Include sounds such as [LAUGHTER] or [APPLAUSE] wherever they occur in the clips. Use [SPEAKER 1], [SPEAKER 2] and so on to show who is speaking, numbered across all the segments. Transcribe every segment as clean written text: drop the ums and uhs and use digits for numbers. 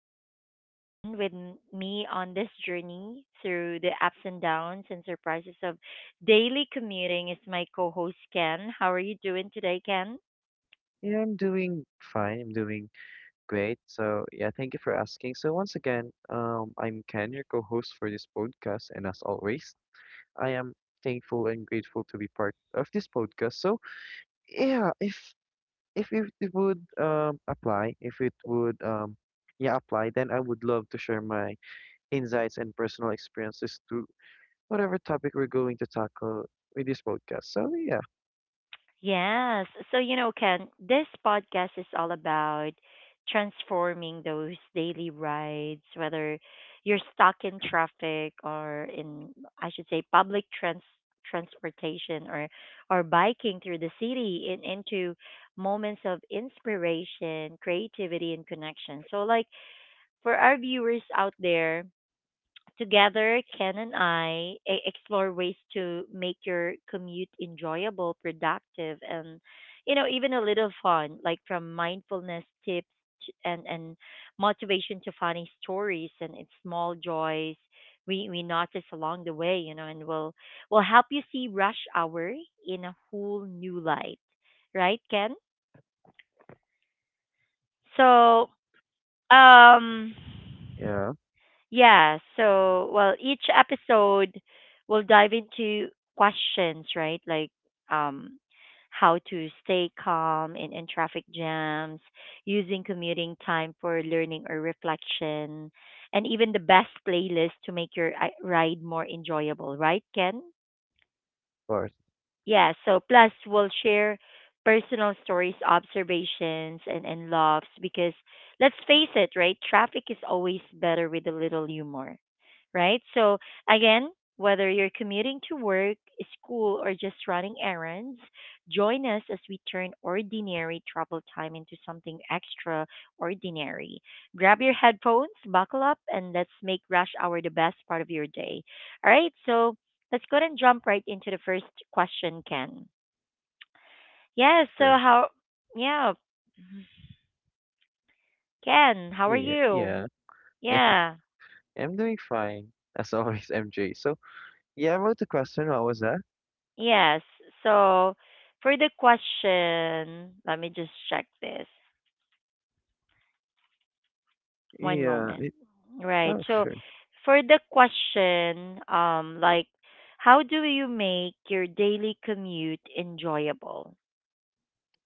[SPEAKER 1] I'm MJ again with me on this journey through the ups and downs and surprises of daily commuting is my co-host Ken. How are you doing today, Ken?
[SPEAKER 2] Yeah, I'm doing fine. I'm doing great. So, yeah, thank you for asking. So, once again, I'm Ken, your co-host for this podcast, and as always, I am thankful and grateful to be part of this podcast. So, yeah, if it would apply, if it would yeah apply, then I would love to share my insights and personal experiences to whatever topic we're going to tackle with this podcast. So, yeah,
[SPEAKER 1] Yes. So, you know, Ken, this podcast is all about transforming those daily rides, whether you're stuck in traffic or in, I should say, public transportation, or biking through the city into moments of inspiration, creativity, and connection. So, like, for our viewers out there, together, Ken and I explore ways to make your commute enjoyable, productive, and even a little fun, like from mindfulness tips and motivation to funny stories and it's small joys we notice along the way, and will help you see rush hour in a whole new light, right, Ken? So, um.
[SPEAKER 2] yeah, of
[SPEAKER 1] Yeah, so well, each episode will dive into questions, right? Like um how to stay calm in traffic jams, using commuting time for learning or reflection, and even the best playlist to make your ride more enjoyable, right, Ken?
[SPEAKER 2] course,
[SPEAKER 1] Yeah, so plus we'll share personal stories, observations, and laughs because let's face it, right? Traffic is always better with a little humor, right? So again, whether you're commuting to work, school, or just running errands, join us as we turn ordinary travel time into something extraordinary. Grab your headphones, buckle up, and let's make rush hour the best part of your day. All right, so let's go ahead and jump right into the first question, Ken. Yeah, so
[SPEAKER 2] sure.
[SPEAKER 1] yeah, Ken, how are
[SPEAKER 2] Yeah,
[SPEAKER 1] you?
[SPEAKER 2] yeah, [LAUGHS]
[SPEAKER 1] Yeah.
[SPEAKER 2] I'm doing fine, as [LAUGHS] always, MJ. So, yeah, about the question, what was that?
[SPEAKER 1] Yes. So for the question, let me just check this. One
[SPEAKER 2] Yeah,
[SPEAKER 1] moment.
[SPEAKER 2] it,
[SPEAKER 1] Right.
[SPEAKER 2] oh,
[SPEAKER 1] So
[SPEAKER 2] sure.
[SPEAKER 1] for the question, like, how do you make your daily commute enjoyable?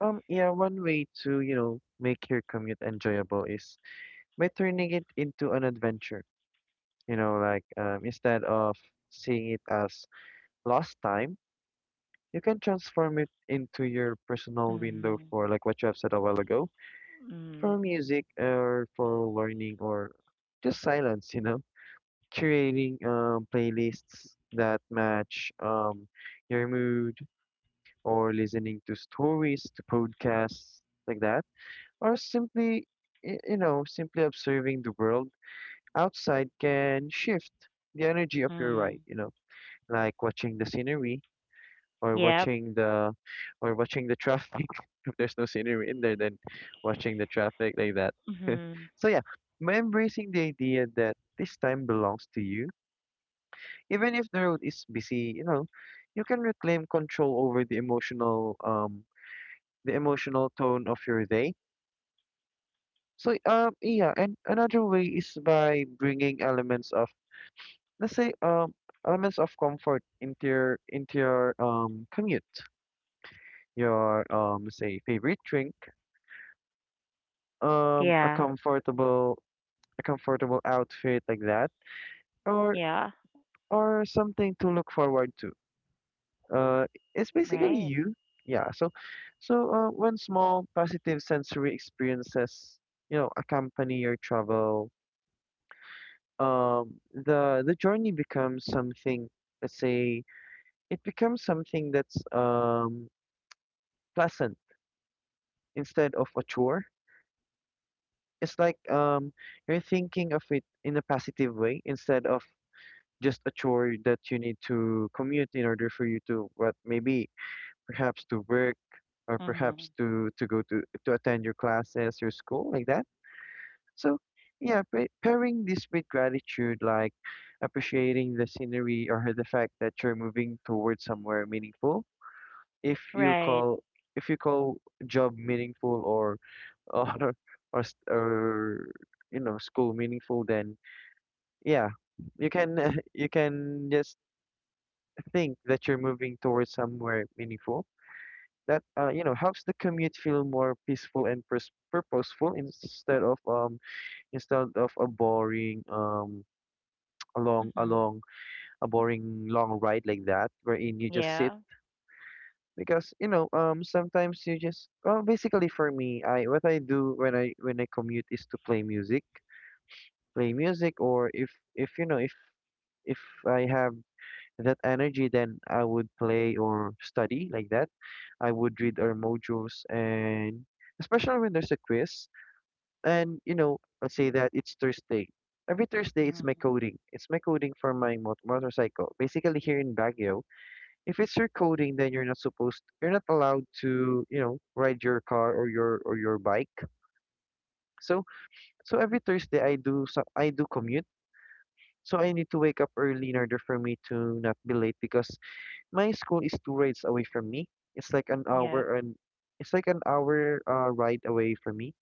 [SPEAKER 2] Yeah, one way to, you know, make your commute enjoyable is by turning it into an adventure. You know, like, instead of seeing it as lost time, you can transform it into your personal window
[SPEAKER 1] Mm-hmm.
[SPEAKER 2] for, like, what you have said a while ago, for
[SPEAKER 1] Mm-hmm.
[SPEAKER 2] music or for learning or just silence, you know? Creating playlists that match your mood, or listening to stories, to podcasts like that, or simply, you know, simply observing the world outside can shift the energy of your
[SPEAKER 1] Mm-hmm.
[SPEAKER 2] ride, you know, like watching the scenery or
[SPEAKER 1] Yep.
[SPEAKER 2] watching the or watching the traffic. [LAUGHS] If there's no scenery in there, then watching the traffic like that. [LAUGHS]
[SPEAKER 1] Mm-hmm.
[SPEAKER 2] So yeah, by embracing the idea that this time belongs to you, even if the road is busy, you know, you can reclaim control over the emotional tone of your day. So yeah, and another way is by bringing elements of, let's say elements of comfort into your commute. Your say favorite drink, um a
[SPEAKER 1] Yeah.
[SPEAKER 2] comfortable a comfortable outfit like that, or
[SPEAKER 1] Yeah.
[SPEAKER 2] or something to look forward to. Uh, it's basically
[SPEAKER 1] Right.
[SPEAKER 2] you. Yeah. So, when small positive sensory experiences, you know, accompany your travel, the journey becomes something. Let's say it becomes something that's pleasant instead of a chore. It's like you're thinking of it in a positive way instead of just a chore that you need to commute in order for you to what, maybe perhaps to work or
[SPEAKER 1] Mm-hmm.
[SPEAKER 2] perhaps to go to attend your classes, your school, like that. So yeah, pairing this with gratitude, like appreciating the scenery or the fact that you're moving towards somewhere meaningful. If you
[SPEAKER 1] Right.
[SPEAKER 2] call if you call job meaningful or [LAUGHS] or or you know school meaningful, then yeah, you can [LAUGHS] you can just think that you're moving towards somewhere meaningful. That you know, helps the commute feel more peaceful and purposeful instead of, a boring [TSK] along along a
[SPEAKER 1] Mm-hmm.
[SPEAKER 2] long a boring long ride like that, wherein you just sit
[SPEAKER 1] Yeah.
[SPEAKER 2] because, you know, sometimes you just, well, basically, for me, I what I do when I commute is to play music, or if, if you know if if I have that energy, then I would play or study, like that. I would read our modules, and especially when there's a quiz. And you know, I say that it's Thursday. Every Thursday, it's my
[SPEAKER 1] Mm-hmm.
[SPEAKER 2] coding. It's my coding for my motorcycle. Basically, here in Baguio, if it's your coding, then you're not allowed to, you know, ride your car or your bike. So, so every Thursday, I do commute. So I need to wake up early in order for me to not be late because my school is two rides away from me. It's like an
[SPEAKER 1] Yep.
[SPEAKER 2] hour and it's like an hour, ride away from me.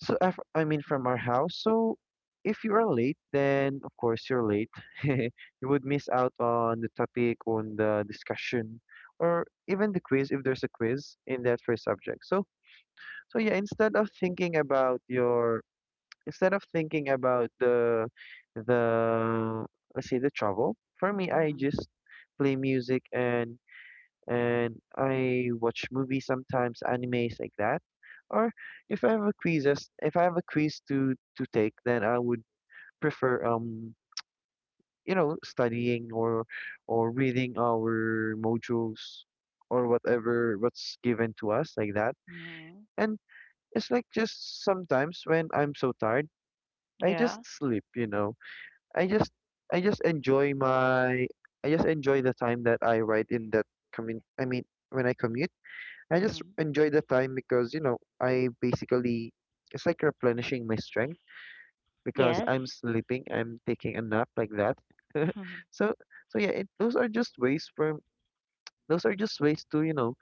[SPEAKER 2] So if, I mean, from our house. So if you are late, then of course you're late. [LAUGHS] You would miss out on the topic, on the discussion, or even the quiz if there's a quiz in that first subject. So so yeah, instead of thinking about the let's say the travel, for me, I
[SPEAKER 1] Mm-hmm.
[SPEAKER 2] just play music and I watch movies sometimes, animes like that. Or if I have a quizzes, if I have a quiz to take, then I would prefer, you know, studying or reading our modules or whatever what's given to us, like that.
[SPEAKER 1] Mm-hmm.
[SPEAKER 2] And it's like, just sometimes when I'm so tired, I just
[SPEAKER 1] Yeah.
[SPEAKER 2] sleep. You know, I just I just enjoy my I just enjoy the time that I write in that, commun I mean, when I commute, I just
[SPEAKER 1] Mm-hmm.
[SPEAKER 2] enjoy the time because, you know, I basically, it's like replenishing my strength because
[SPEAKER 1] Yes.
[SPEAKER 2] I'm sleeping, I'm taking a nap like that. [LAUGHS]
[SPEAKER 1] Mhm.
[SPEAKER 2] So, so yeah, those are just those are just ways to, you know,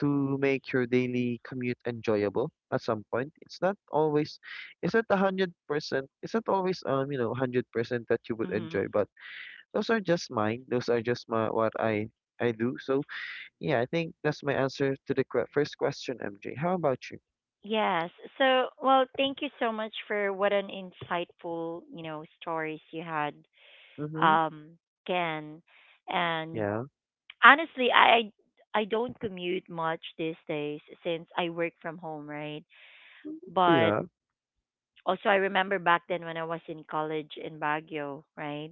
[SPEAKER 2] to make your daily commute enjoyable at some point. It's not always, it's not 100%, it's not always, you know, 100% that you would enjoy,
[SPEAKER 1] Mhm.
[SPEAKER 2] but those are just mine. Those are just what I do. So yeah, I think that's my answer to the first question, MJ. How about you?
[SPEAKER 1] Yes. So, well, thank you so much for what an insightful, stories you had,
[SPEAKER 2] Mhm.
[SPEAKER 1] um, Ken. And
[SPEAKER 2] Yeah.
[SPEAKER 1] honestly, I don't commute much these days since I work from home, right? But
[SPEAKER 2] Yeah.
[SPEAKER 1] also, I remember back then when I was in college in Baguio, right?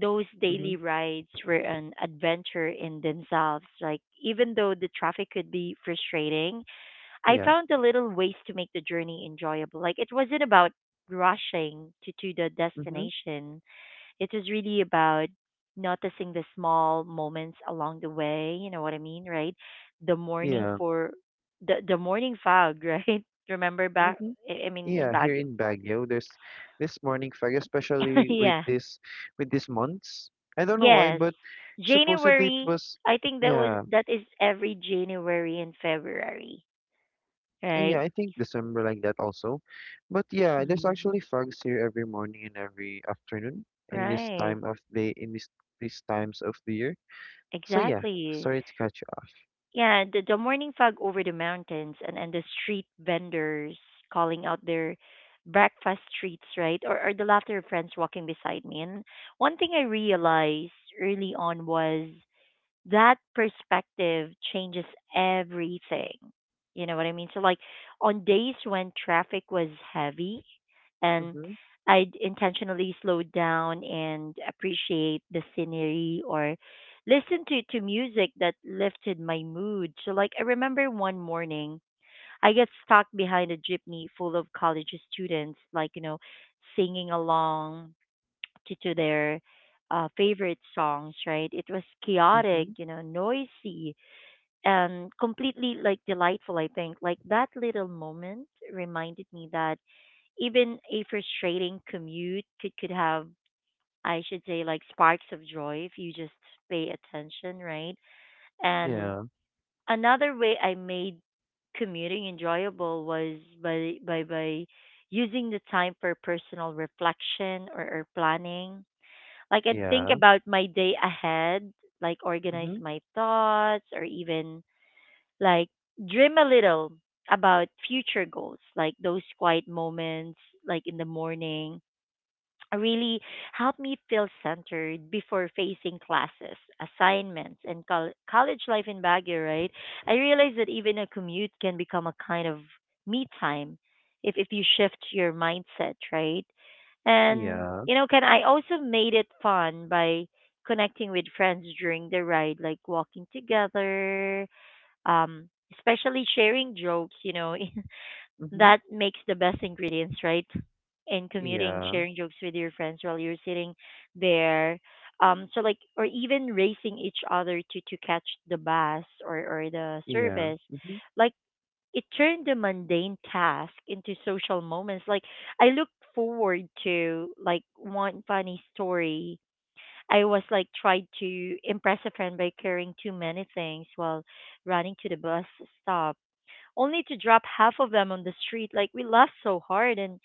[SPEAKER 1] Those
[SPEAKER 2] Mhm.
[SPEAKER 1] daily rides were an adventure in themselves. Like, even though the traffic could be frustrating, I
[SPEAKER 2] Yeah.
[SPEAKER 1] found the little ways to make the journey enjoyable. Like it wasn't about rushing to the
[SPEAKER 2] Mhm.
[SPEAKER 1] destination. It was really about noticing the small moments along the way. You know what I mean, right? The morning
[SPEAKER 2] Yeah.
[SPEAKER 1] for the morning fog, [LAUGHS] right? Remember back?
[SPEAKER 2] Mhm.
[SPEAKER 1] I mean in
[SPEAKER 2] Yeah. Here
[SPEAKER 1] Baguio.
[SPEAKER 2] in Baguio, there's this morning fog,
[SPEAKER 1] [LAUGHS]
[SPEAKER 2] especially with
[SPEAKER 1] yeah.
[SPEAKER 2] this with these months. I don't know why,
[SPEAKER 1] Yes.
[SPEAKER 2] but supposedly it
[SPEAKER 1] January.
[SPEAKER 2] was.
[SPEAKER 1] I think
[SPEAKER 2] Yeah.
[SPEAKER 1] that is every January and February,
[SPEAKER 2] Yeah.
[SPEAKER 1] right?
[SPEAKER 2] I think December like that also, but yeah, there's
[SPEAKER 1] Mhm.
[SPEAKER 2] actually fogs here every morning and every afternoon in this
[SPEAKER 1] Right.
[SPEAKER 2] time of day, in this these times of the year. So yeah.
[SPEAKER 1] Exactly.
[SPEAKER 2] Sorry to catch you up.
[SPEAKER 1] Yeah, the morning fog over the mountains and the street vendors calling out their breakfast treats, right? Or the laughter of friends walking beside me. And one thing I realized early on was that perspective changes everything. You know what I mean? So like on days when traffic was heavy and
[SPEAKER 2] Mhm.
[SPEAKER 1] I'd intentionally slow down and appreciate the scenery or listen to music that lifted my mood. So like I remember one morning I get stuck behind a jeepney full of college students, like, singing along to their favorite songs, right? It was chaotic,
[SPEAKER 2] Mhm.
[SPEAKER 1] noisy and completely like delightful, I think. Like that little moment reminded me that even a frustrating commute could have, I should say, like sparks of joy if you just pay attention, right? And
[SPEAKER 2] Yeah.
[SPEAKER 1] another way I made commuting enjoyable was by using the time for personal reflection or planning like I'd think
[SPEAKER 2] Yeah.
[SPEAKER 1] about my day ahead, like organize
[SPEAKER 2] Mhm.
[SPEAKER 1] my thoughts or even like dream a little about future goals, like those quiet moments like in the morning really helped me feel centered before facing classes, assignments, and college life in Baguio, right? I realized that even a commute can become a kind of me time if you shift your mindset, right? And,
[SPEAKER 2] Yeah.
[SPEAKER 1] you know, can I also made it fun by connecting with friends during the ride, like walking together, um, especially sharing jokes, [LAUGHS]
[SPEAKER 2] Mm-hmm.
[SPEAKER 1] that makes the best ingredients, right? And commuting,
[SPEAKER 2] Yeah,
[SPEAKER 1] sharing jokes with your friends while you're sitting there. So like, or even racing each other to catch the bus or the
[SPEAKER 2] yeah.
[SPEAKER 1] service,
[SPEAKER 2] Mm-hmm.
[SPEAKER 1] like it turned the mundane task into social moments. Like I look forward to like one funny story. I was like tried to impress a friend by carrying too many things while running to the bus stop, only to drop half of them on the street. Like we laughed so hard and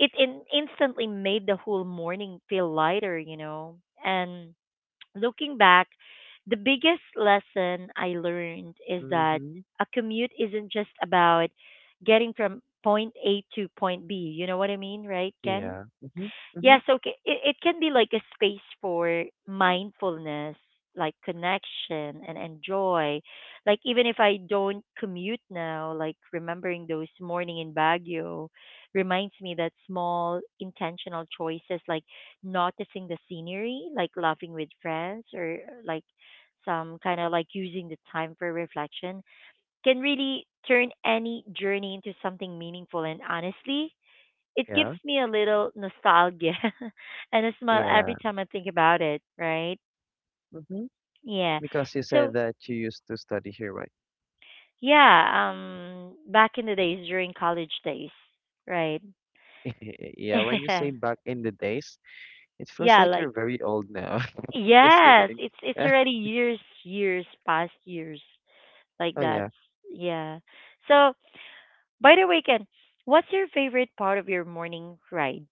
[SPEAKER 1] it instantly made the whole morning feel lighter. And looking back, the biggest lesson I learned is that
[SPEAKER 2] Mm-hmm.
[SPEAKER 1] a commute isn't just about getting from point A to point B. You know what I mean, right, Ken?
[SPEAKER 2] Yeah. Mm-hmm. Mm-hmm.
[SPEAKER 1] Yes, okay. It can be like a space for mindfulness, like connection and enjoy. Like even if I don't commute now, like remembering those morning in Baguio reminds me that small intentional choices like noticing the scenery, like laughing with friends or like some kind of like using the time for reflection can really turn any journey into something meaningful and honestly it gives
[SPEAKER 2] Yeah.
[SPEAKER 1] me a little nostalgia [LAUGHS] and a smile every
[SPEAKER 2] Yeah.
[SPEAKER 1] time I think about it, right?
[SPEAKER 2] Mm-hmm.
[SPEAKER 1] Yeah.
[SPEAKER 2] Because you said
[SPEAKER 1] So,
[SPEAKER 2] that you used to study here, right?
[SPEAKER 1] yeah, back in the days during college days, right?
[SPEAKER 2] [LAUGHS] Yeah, when you say
[SPEAKER 1] [LAUGHS]
[SPEAKER 2] back in the days, it feels
[SPEAKER 1] yeah,
[SPEAKER 2] like
[SPEAKER 1] like
[SPEAKER 2] you're very old now. [LAUGHS] Just
[SPEAKER 1] yes,
[SPEAKER 2] kidding.
[SPEAKER 1] it's already
[SPEAKER 2] [LAUGHS]
[SPEAKER 1] years, years, past years like
[SPEAKER 2] Oh
[SPEAKER 1] that.
[SPEAKER 2] yeah.
[SPEAKER 1] Yeah. So, by the way, Ken, what's your favorite part of your morning ride?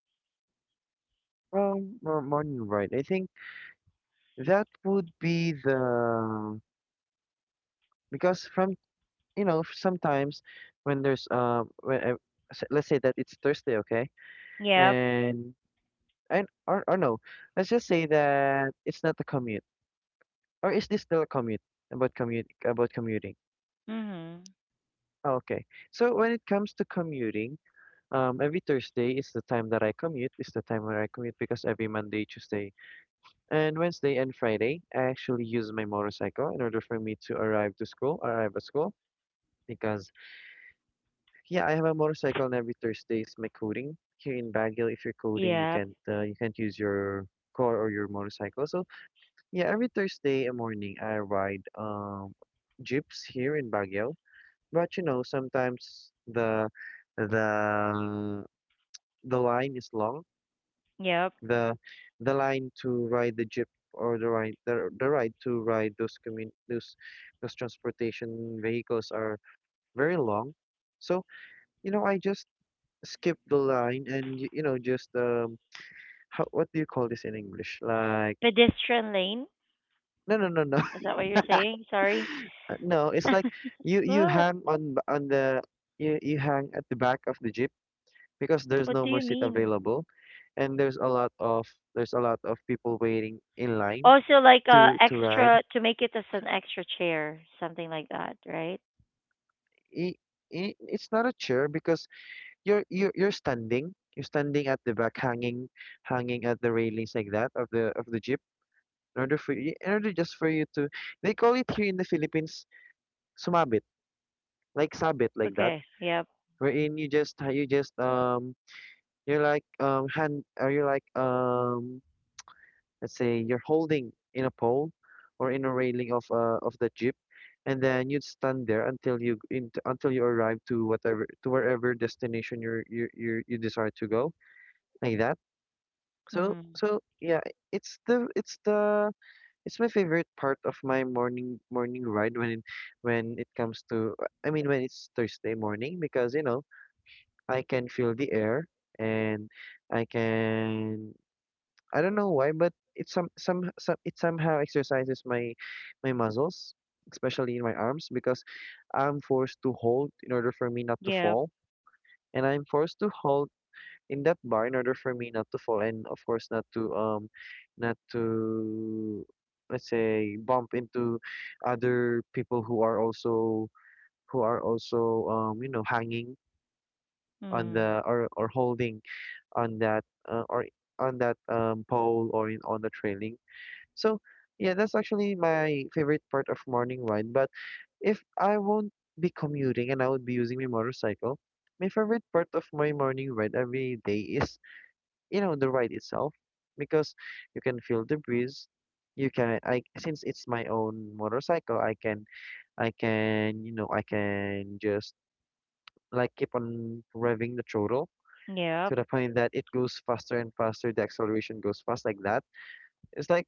[SPEAKER 2] Morning, right. I think that would be the because from, you know, sometimes when there's let's say that it's Thursday, okay,
[SPEAKER 1] Yep.
[SPEAKER 2] and And or no, let's just say that it's not a commute. Or is this still a commute? About commute, about commuting.
[SPEAKER 1] Mhm.
[SPEAKER 2] Oh, okay. So when it comes to commuting, every Thursday is the time that I commute. Is the time where I commute, because every Monday, Tuesday, and Wednesday and Friday, I actually use my motorcycle in order for me to arrive at school. Because yeah, I have a motorcycle, and every Thursday is my coding here in Baguio. If you're coding,
[SPEAKER 1] Yep.
[SPEAKER 2] you can't use your car or your motorcycle. So, yeah, every Thursday morning, I ride jeeps here in Baguio. But you know, sometimes the the line is long.
[SPEAKER 1] Yep.
[SPEAKER 2] The the line to ride the jeep, or the ride to ride those commun those transportation vehicles, are very long. So, you know, I just skip the line and you know, just how, what do you call this in English? Like,
[SPEAKER 1] Pedestrian lane?
[SPEAKER 2] no, no, no, no.
[SPEAKER 1] Is that what you're
[SPEAKER 2] [LAUGHS]
[SPEAKER 1] saying? Sorry.
[SPEAKER 2] No, it's like,
[SPEAKER 1] [LAUGHS]
[SPEAKER 2] you you
[SPEAKER 1] What?
[SPEAKER 2] hang on b- on the you you hang at the back of the jeep because there's
[SPEAKER 1] What
[SPEAKER 2] no
[SPEAKER 1] do
[SPEAKER 2] more
[SPEAKER 1] you
[SPEAKER 2] seat
[SPEAKER 1] mean?
[SPEAKER 2] available, and there's a lot of there's a lot of people waiting in line
[SPEAKER 1] Also, like
[SPEAKER 2] to ride.
[SPEAKER 1] extra to make it as an extra chair, something like that, right?
[SPEAKER 2] I I It's not a chair because, you're standing, you're standing at the back, hanging, at the railings, like that, of the jeep, in order for you, in order, just for you to, they call it here in the Philippines, sumabit, like sabit, like that,
[SPEAKER 1] Okay. Yep.
[SPEAKER 2] wherein you just, you're like hand or you're like, let's say you're holding in a pole or in a railing of the jeep, and then you'd stand there until until you arrive to whatever to wherever destination you're, you desire to go, like that. So
[SPEAKER 1] Mm.
[SPEAKER 2] so yeah, it's the it's the it's my favorite part of my morning ride, when it comes to, I mean, when it's Thursday morning, because you know, I can feel the air, and I can I don't know why, but it, some it somehow exercises my muscles, especially in my arms, because I'm forced to hold in order for me not to
[SPEAKER 1] Yep.
[SPEAKER 2] fall, and I'm forced to hold in that bar in order for me not to fall, and of course not to, not to let's say, bump into other people who are also, you know, hanging on
[SPEAKER 1] Mm.
[SPEAKER 2] the, or holding on that, or on that, pole, on the trailing. So yeah, that's actually my favorite part of morning ride. But if I won't be commuting and I would be using my motorcycle, my favorite part of my morning ride every day is, you know, the ride itself because you can feel the breeze. You can I since it's my own motorcycle, I can just like keep on revving the throttle
[SPEAKER 1] Yep.
[SPEAKER 2] to the point that it goes faster and faster. The acceleration goes fast like that. It's like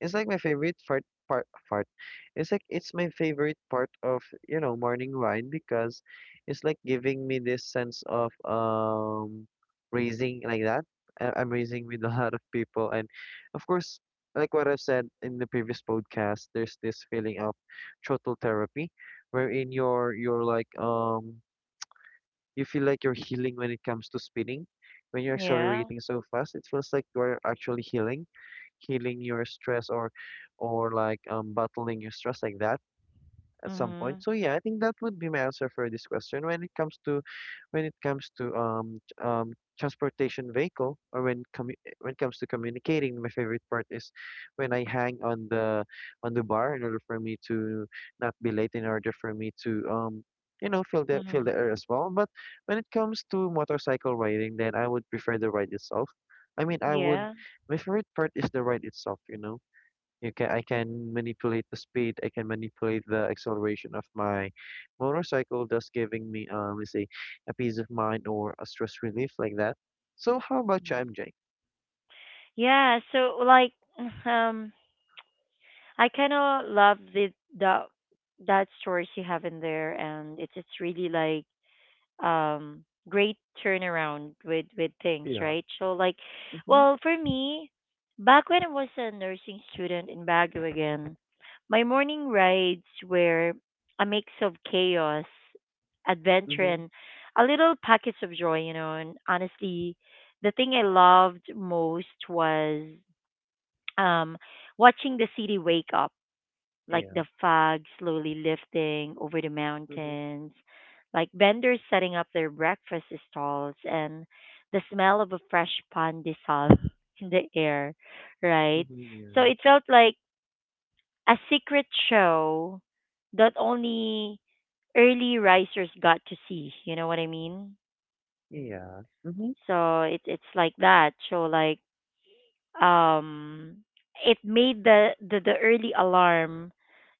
[SPEAKER 2] it's like my favorite part. It's like it's my favorite part of morning wine because it's like giving me this sense of raising like that. I'm raising with a lot of people, and of course, like what I've said in the previous podcast, there's this feeling of throttle therapy, wherein you're like you feel like you're healing when it comes to spinning. When you're
[SPEAKER 1] Yeah.
[SPEAKER 2] accelerating so fast, it feels like you're actually healing, healing your stress or like battling your stress like that at some point.
[SPEAKER 1] Mhm.
[SPEAKER 2] So yeah, I think that would be my answer for this question. When it comes to transportation vehicle or when when it comes to communicating, my favorite part is when I hang on the bar in order for me to not be late, in order for me to feel the
[SPEAKER 1] Mhm.
[SPEAKER 2] air as well. But when it comes to motorcycle riding, then I would prefer the ride itself. I mean, I would.
[SPEAKER 1] Yeah.
[SPEAKER 2] My favorite part is the ride itself, you know you can I can manipulate the speed, I can manipulate the acceleration of my motorcycle, thus giving me let's say a peace of mind or a stress relief like that. So how about you,
[SPEAKER 1] Mhm.
[SPEAKER 2] MJ?
[SPEAKER 1] Yeah. So like, [LAUGHS] um, I kind of love the that stories you have in there, and it's really like great turnaround with things,
[SPEAKER 2] Yeah.
[SPEAKER 1] right? So like,
[SPEAKER 2] Mm-hmm.
[SPEAKER 1] well, for me, back when I was a nursing student in Baguio again, my morning rides were a mix of chaos, adventure,
[SPEAKER 2] Mm-hmm.
[SPEAKER 1] and a little packets of joy and honestly the thing I loved most was um watching the city wake up, like
[SPEAKER 2] Yeah.
[SPEAKER 1] the fog slowly lifting over the
[SPEAKER 2] Mm-hmm.
[SPEAKER 1] mountains, like vendors setting up their breakfast stalls, and the smell of a fresh pan dissolve [LAUGHS] in the air, right?
[SPEAKER 2] Mm-hmm.
[SPEAKER 1] So
[SPEAKER 2] Yeah.
[SPEAKER 1] it felt like a secret show that only early risers got to see. You know what I mean?
[SPEAKER 2] Yeah. Mm-hmm.
[SPEAKER 1] So it's like that. So like um, it made the early alarm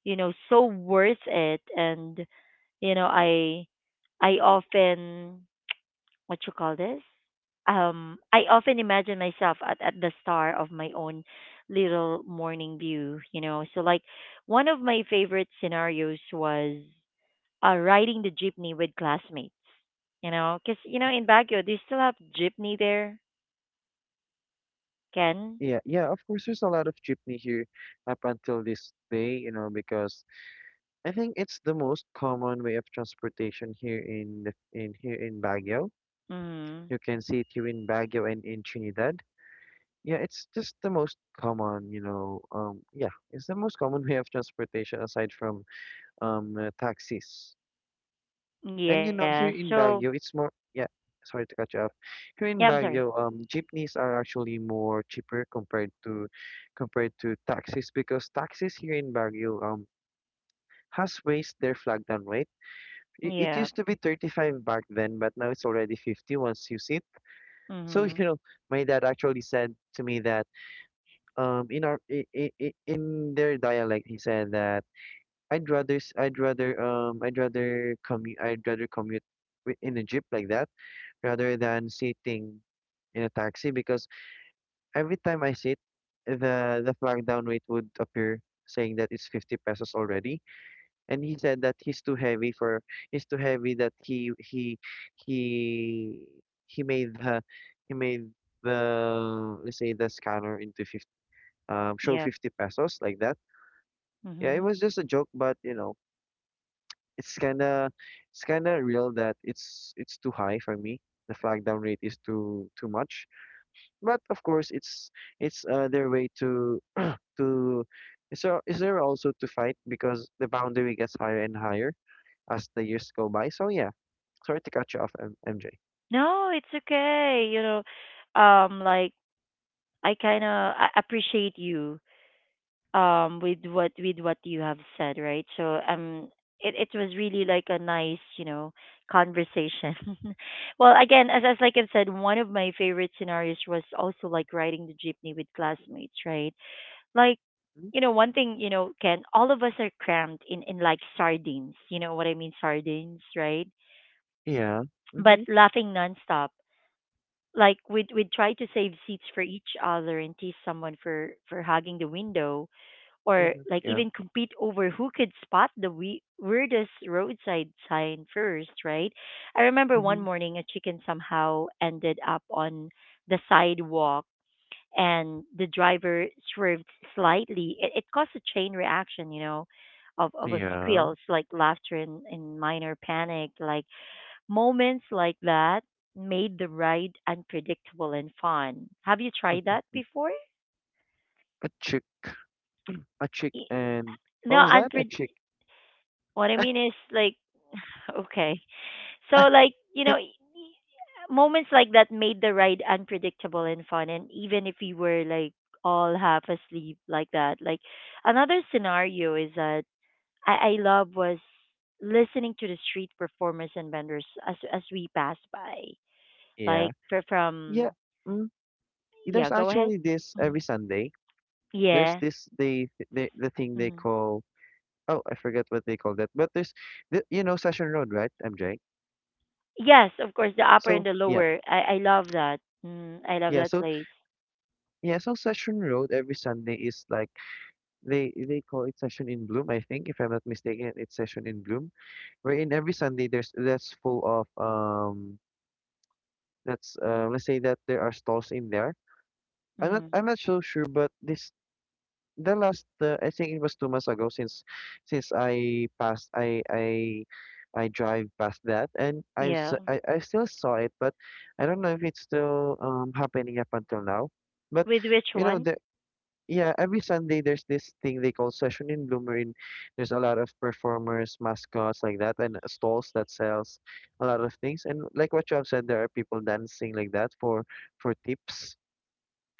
[SPEAKER 1] you know so worth it and You know, I I often what you call this? I often imagine myself at the star of my own little morning view. So like one of my favorite scenarios was riding the jeepney with classmates, because in Baguio they still have jeepney there, Ken.
[SPEAKER 2] Yeah, yeah, of course, there's a lot of jeepney here up until this day, you know, because I think it's the most common way of transportation here in in here in Baguio.
[SPEAKER 1] Mm.
[SPEAKER 2] You can see it here in Baguio and in Trinidad. Yeah, it's just the most common, you know, yeah, it's the most common [LAUGHS] way of transportation aside from taxis. And you
[SPEAKER 1] Yeah.
[SPEAKER 2] know, here in
[SPEAKER 1] So
[SPEAKER 2] Baguio, it's more, yeah, sorry to cut you off. Here
[SPEAKER 1] yeah,
[SPEAKER 2] in
[SPEAKER 1] I'm sorry.
[SPEAKER 2] Baguio, jeepneys are actually more cheaper compared to compared to taxis because taxis here in Baguio has raised their flag down rate. It
[SPEAKER 1] Yeah.
[SPEAKER 2] used to be 35 back then, but now it's already 50 once you sit. So, [LAUGHS] you
[SPEAKER 1] Mhm.
[SPEAKER 2] know, my dad actually said to me that in our in their dialect he said that I'd rather commute in a jeep like that rather than sitting in a taxi because every time I sit the flag down weight would appear saying that it's 50 pesos already and he said that he's too heavy that he he made the he made the let's say the scanner into 50 show
[SPEAKER 1] Yep.
[SPEAKER 2] 50 pesos like that. Yeah, it
[SPEAKER 1] Mhm.
[SPEAKER 2] was just a joke, but you know, it's kind of it's kind of real that it's too high for me. The flag down rate is too much. But of course, it's their way to [CLEARS THROAT] to is there also to fight because the boundary gets higher and higher as the years go by. So yeah, sorry to cut you off, MJ.
[SPEAKER 1] No, it's okay. Like I kind of appreciate you with what you have said, right? So it was really like a nice conversation. [LAUGHS] well, again, as like I've said, one of my favorite scenarios was also like riding the jeepney with classmates, right? Like
[SPEAKER 2] Mhm.
[SPEAKER 1] one thing, Ken, all of us are crammed in like sardines. You know what I mean, sardines, right?
[SPEAKER 2] Yeah.
[SPEAKER 1] But
[SPEAKER 2] Mm-hmm.
[SPEAKER 1] laughing nonstop like we'd try to save seats for each other and tease someone for hugging the window or
[SPEAKER 2] Mm-hmm.
[SPEAKER 1] like
[SPEAKER 2] Yeah.
[SPEAKER 1] even compete over who could spot the weirdest roadside sign first, right? I remember one
[SPEAKER 2] Mm-hmm.
[SPEAKER 1] morning a chicken somehow ended up on the sidewalk and the driver swerved slightly. It caused a chain reaction, of a
[SPEAKER 2] Yeah.
[SPEAKER 1] squeals, like laughter and minor panic. Like moments like that made the ride unpredictable and fun. Have you tried that
[SPEAKER 2] [LAUGHS]
[SPEAKER 1] before?
[SPEAKER 2] A chick. A chick
[SPEAKER 1] Y-
[SPEAKER 2] and what
[SPEAKER 1] No,
[SPEAKER 2] was that? A
[SPEAKER 1] unpred.
[SPEAKER 2] chick.
[SPEAKER 1] What I mean is like okay. So
[SPEAKER 2] [LAUGHS]
[SPEAKER 1] like, moments like that made the ride unpredictable and fun and even if we were like all half asleep like that. Like another scenario is that I love was listening to the street performers and vendors as we passed by.
[SPEAKER 2] Yeah.
[SPEAKER 1] Like
[SPEAKER 2] Yeah.
[SPEAKER 1] from
[SPEAKER 2] Mm,
[SPEAKER 1] yeah,
[SPEAKER 2] there's
[SPEAKER 1] go ahead.
[SPEAKER 2] actually this every
[SPEAKER 1] Mhm.
[SPEAKER 2] Sunday. There's
[SPEAKER 1] Yeah.
[SPEAKER 2] this they the thing they
[SPEAKER 1] Mhm.
[SPEAKER 2] call oh I forget what they call that, but the you know Session Road, right, MJ?
[SPEAKER 1] Yes, of course, the upper and
[SPEAKER 2] So
[SPEAKER 1] the
[SPEAKER 2] yeah,
[SPEAKER 1] lower. I love that. Mm, I love
[SPEAKER 2] yeah.
[SPEAKER 1] that
[SPEAKER 2] So
[SPEAKER 1] place.
[SPEAKER 2] yeah, so Session Road every Sunday is like they call it Session in Bloom, I think, if I'm not mistaken, it's Session in Bloom, wherein every Sunday there's that's full of that's let's say that there are stalls in there.
[SPEAKER 1] Mm,
[SPEAKER 2] I'm not so sure, but this the last, I think it was two months ago since I passed, I drive past that, and I've
[SPEAKER 1] yeah.
[SPEAKER 2] s- I still saw it, but I don't know if it's still happening up until now. But
[SPEAKER 1] With which
[SPEAKER 2] you know
[SPEAKER 1] one?
[SPEAKER 2] the yeah, every Sunday there's this thing they call Session in Bloomer. There's a lot of performers, mascots like that, and stalls that sells a lot of things. And like what you have said, there are people dancing like that for tips.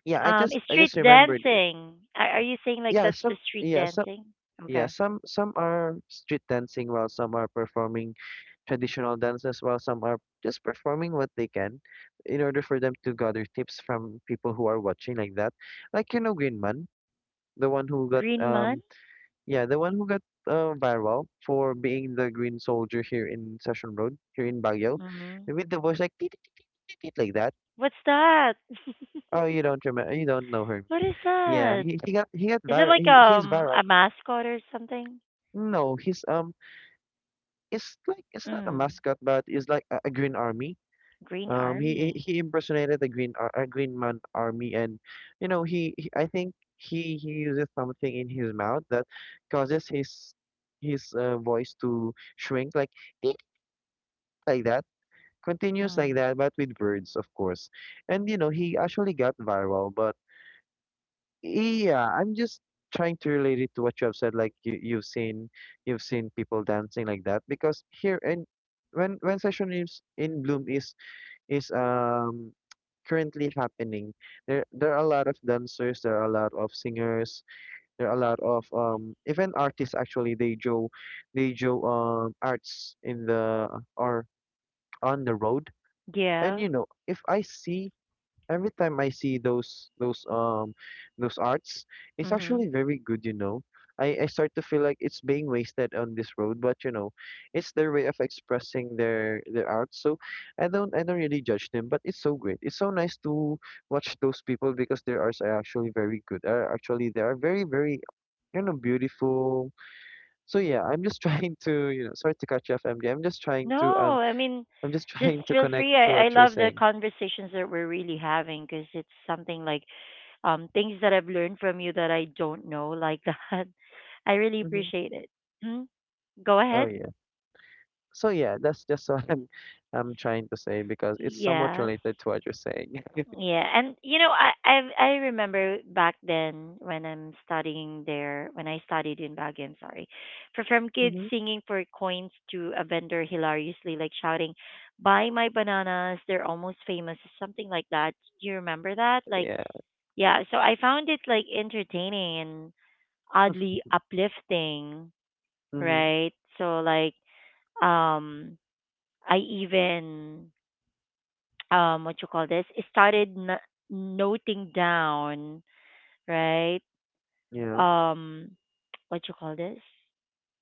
[SPEAKER 2] I
[SPEAKER 1] Street
[SPEAKER 2] just remembered it.
[SPEAKER 1] dancing. Are you saying like
[SPEAKER 2] Yeah,
[SPEAKER 1] that's
[SPEAKER 2] some
[SPEAKER 1] the street
[SPEAKER 2] yeah, some
[SPEAKER 1] dancing?
[SPEAKER 2] yeah,
[SPEAKER 1] Okay.
[SPEAKER 2] some are street dancing while some are performing traditional dances while some are just performing what they can in order for them to gather tips from people who are watching like that. Like you know Greenman, the one who got
[SPEAKER 1] Green month.
[SPEAKER 2] yeah, the one who got viral for being the green soldier here in Session Road, here in Baguio,
[SPEAKER 1] Mm-hmm.
[SPEAKER 2] with the voice like "Teet, teet, teet, teet, teet," like that.
[SPEAKER 1] What's that? [LAUGHS]
[SPEAKER 2] Oh, you don't know him?
[SPEAKER 1] What is
[SPEAKER 2] Yeah,
[SPEAKER 1] that?
[SPEAKER 2] he got
[SPEAKER 1] Is it
[SPEAKER 2] viral.
[SPEAKER 1] like
[SPEAKER 2] He's viral.
[SPEAKER 1] a mascot or something?
[SPEAKER 2] No, he's it's like it's not a
[SPEAKER 1] Mm.
[SPEAKER 2] mascot, but it's like a green army.
[SPEAKER 1] Green Army.
[SPEAKER 2] He impersonated a green green man army, and you know he I think he uses something in his mouth that causes his voice to shrink, like "Eek," like that, continues like
[SPEAKER 1] Mm.
[SPEAKER 2] that, but with birds, of course. And you know he actually got viral, but. Yeah, I'm just trying to relate it to what you have said. Like you've seen people dancing like that because here and when session is in bloom is currently happening. There are a lot of dancers. There are a lot of singers. There are a lot of even artists actually. They do arts in the or on the road. And
[SPEAKER 1] Yeah.
[SPEAKER 2] you know, if I see every time I see those arts, it's
[SPEAKER 1] Mm-hmm.
[SPEAKER 2] actually very good, you know. I start to feel like it's being wasted on this road, but you know, it's their way of expressing their art. So I don't really judge them, but it's so great. It's so nice to watch those people because their arts are actually very good. Are actually They are very you know beautiful. So yeah, I'm just [LAUGHS] trying to you know sorry to cut you off, MD. I'm just trying
[SPEAKER 1] No,
[SPEAKER 2] to
[SPEAKER 1] I mean,
[SPEAKER 2] I'm just [LAUGHS]
[SPEAKER 1] just
[SPEAKER 2] trying to
[SPEAKER 1] feel
[SPEAKER 2] connect
[SPEAKER 1] free.
[SPEAKER 2] to
[SPEAKER 1] I
[SPEAKER 2] what you're
[SPEAKER 1] love the
[SPEAKER 2] saying.
[SPEAKER 1] conversations that we're really having because it's something like things that I've learned from you that I don't know like [LAUGHS] that. I really
[SPEAKER 2] Hmm.
[SPEAKER 1] appreciate it. Mhm. Go
[SPEAKER 2] Oh
[SPEAKER 1] ahead.
[SPEAKER 2] yeah. So yeah, that's just [LAUGHS] what I'm trying to say because it's somewhat
[SPEAKER 1] Yes.
[SPEAKER 2] related to what you're saying. [LAUGHS]
[SPEAKER 1] Yeah, and you know, I remember back then when I'm studying there, when I studied in Baguio, I'm sorry, for from kids
[SPEAKER 2] Mm-hmm.
[SPEAKER 1] singing for coins to a vendor hilariously like shouting, "Buy my bananas, they're almost famous," something like that. Do you remember that? Like,
[SPEAKER 2] Yeah.
[SPEAKER 1] yeah. So I found it like entertaining and oddly uplifting,
[SPEAKER 2] Mm-hmm.
[SPEAKER 1] right? So like, um, I even what you call this, started noting down, right?
[SPEAKER 2] Yeah.
[SPEAKER 1] Um, [TSK] what you call this? [LAUGHS]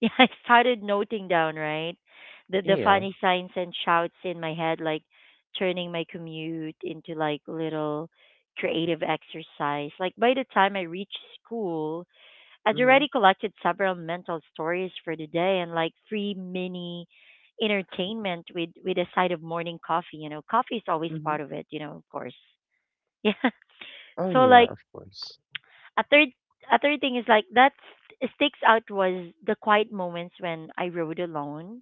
[SPEAKER 1] Yeah, I started noting down, right? The
[SPEAKER 2] Yeah.
[SPEAKER 1] funny signs and shouts in my head, like turning my commute into like little creative exercise. Like by the time I reached school, I'd
[SPEAKER 2] Mm-hmm.
[SPEAKER 1] already collected several mental stories for the day and like free mini entertainment with a side of morning coffee. You know, coffee is always
[SPEAKER 2] Mm-hmm.
[SPEAKER 1] part of it. You know, of course. [LAUGHS] Yeah.
[SPEAKER 2] Oh
[SPEAKER 1] So
[SPEAKER 2] yeah,
[SPEAKER 1] like
[SPEAKER 2] of course.
[SPEAKER 1] a third a third thing is like that sticks out was the quiet moments when I rode alone,